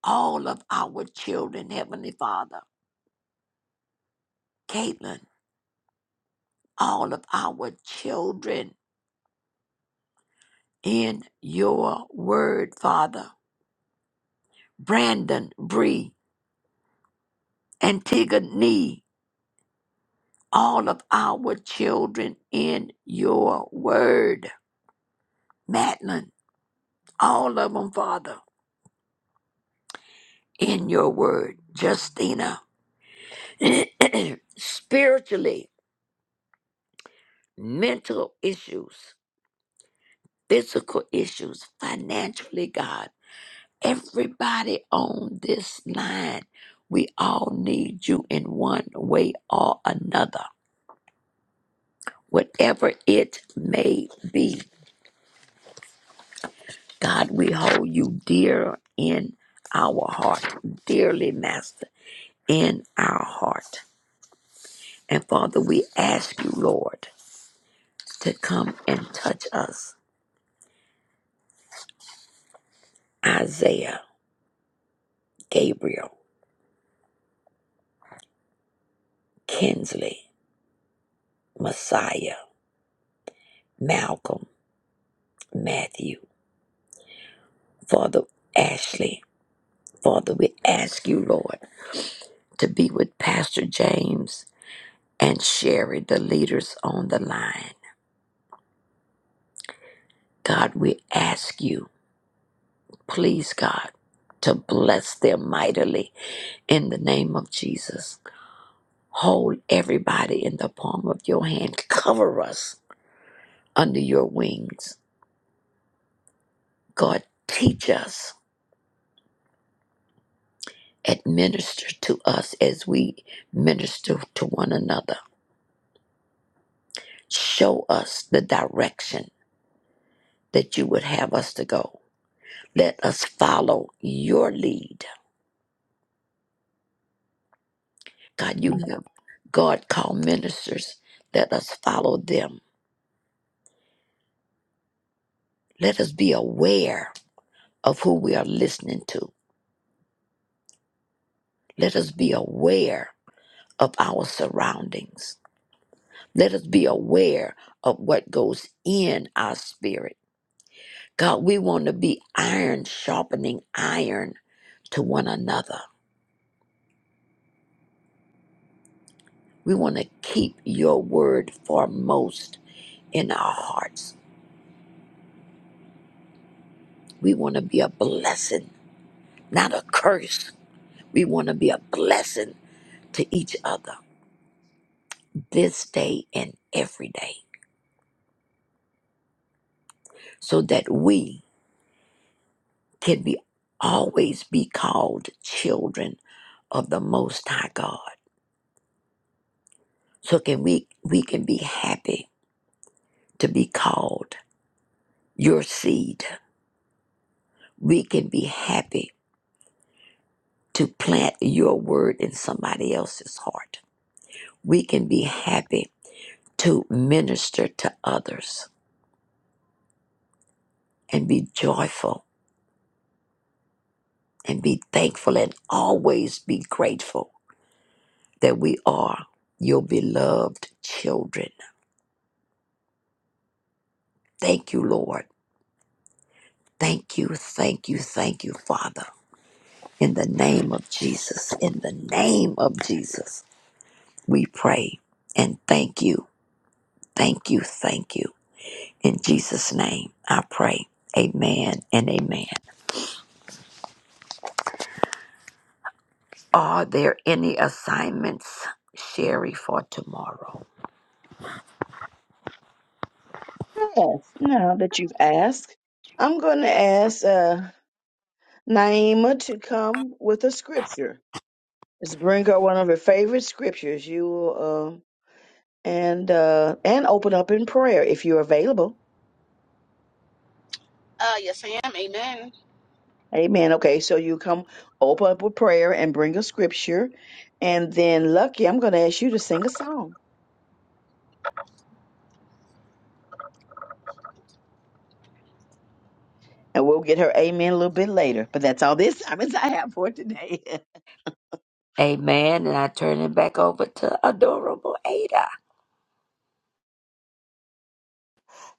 Speaker 10: All of our children, Heavenly Father. Caitlin, all of our children in your word, Father. Brandon, Bree, Antigone, all of our children in your word. Madeline, all of them, Father, in your word. Justina, spiritually, mental issues, physical issues, financially, God. Everybody on this line, we all need you in one way or another, whatever it may be. God, we hold you dear in our heart, dearly, Master, in our heart. And Father, we ask you, Lord, to come and touch us. Isaiah, Gabriel, Kinsley, Messiah, Malcolm, Matthew, Father Ashley. Father, we ask you, Lord, to be with Pastor James and Sherry, the leaders on the line. God, we ask you Please, God, to bless them mightily in the name of Jesus. Hold everybody in the palm of your hand. Cover us under your wings. God, teach us, administer to us as we minister to one another. Show us the direction that you would have us to go. Let us follow your lead. God, you have God called ministers. Let us follow them. Let us be aware. of who we are listening to. Let us be aware of our surroundings. Let us be aware of what goes in our spirit. God, we want to be iron sharpening iron to one another. We want to keep your word foremost in our hearts. We want to be a blessing, not a curse. We want to be a blessing to each other this day and every day so that we Can we always be called children of the Most High God? So can we we can be happy to be called your seed. We can be happy to plant your word in somebody else's heart. We can be happy to minister to others and be joyful and be thankful and always be grateful that we are your beloved children. Thank you, Lord Thank you, thank you, thank you, Father. In the name of Jesus, in the name of Jesus, we pray and thank you, thank you, thank you. In Jesus' name, I pray. Amen and amen. Are there any assignments, Sherry, for tomorrow?
Speaker 7: Yes, now that you've asked, I'm going to ask uh, Naima to come with a scripture. is bring up one of your favorite scriptures. You will, uh, and uh, and open up in prayer if you're available. Amen. Okay, so you come open up with prayer and bring a scripture, and then Lucky, I'm going to ask you to sing a song, and we'll get her amen a little bit later. But that's all this time is I have for today.
Speaker 10: Amen. And I turn it back over to adorable Ada.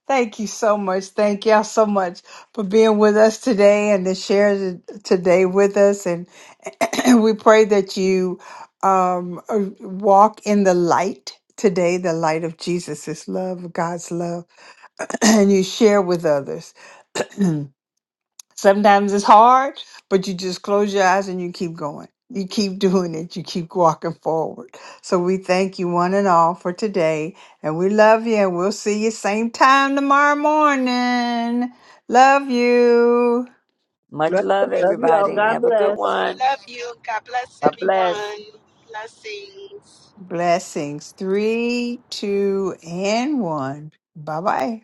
Speaker 1: Thank you so much. Thank y'all so much for being with us today and to share today with us. And we pray that you um, uh, walk in the light today, the light of Jesus' love, God's love, and you share with others. Sometimes it's hard, but you just close your eyes and you keep going. You keep doing it. You keep walking forward. So we thank you one and all for today. And we love you. And we'll see you same time tomorrow morning. Love you.
Speaker 10: Much love,
Speaker 7: Love you all.
Speaker 10: everybody.
Speaker 7: God
Speaker 10: Have a good
Speaker 7: bless.
Speaker 10: one.
Speaker 8: Love you. God bless
Speaker 10: God bless.
Speaker 8: everyone. Blessings.
Speaker 1: Blessings. Three, two, and one. Bye bye.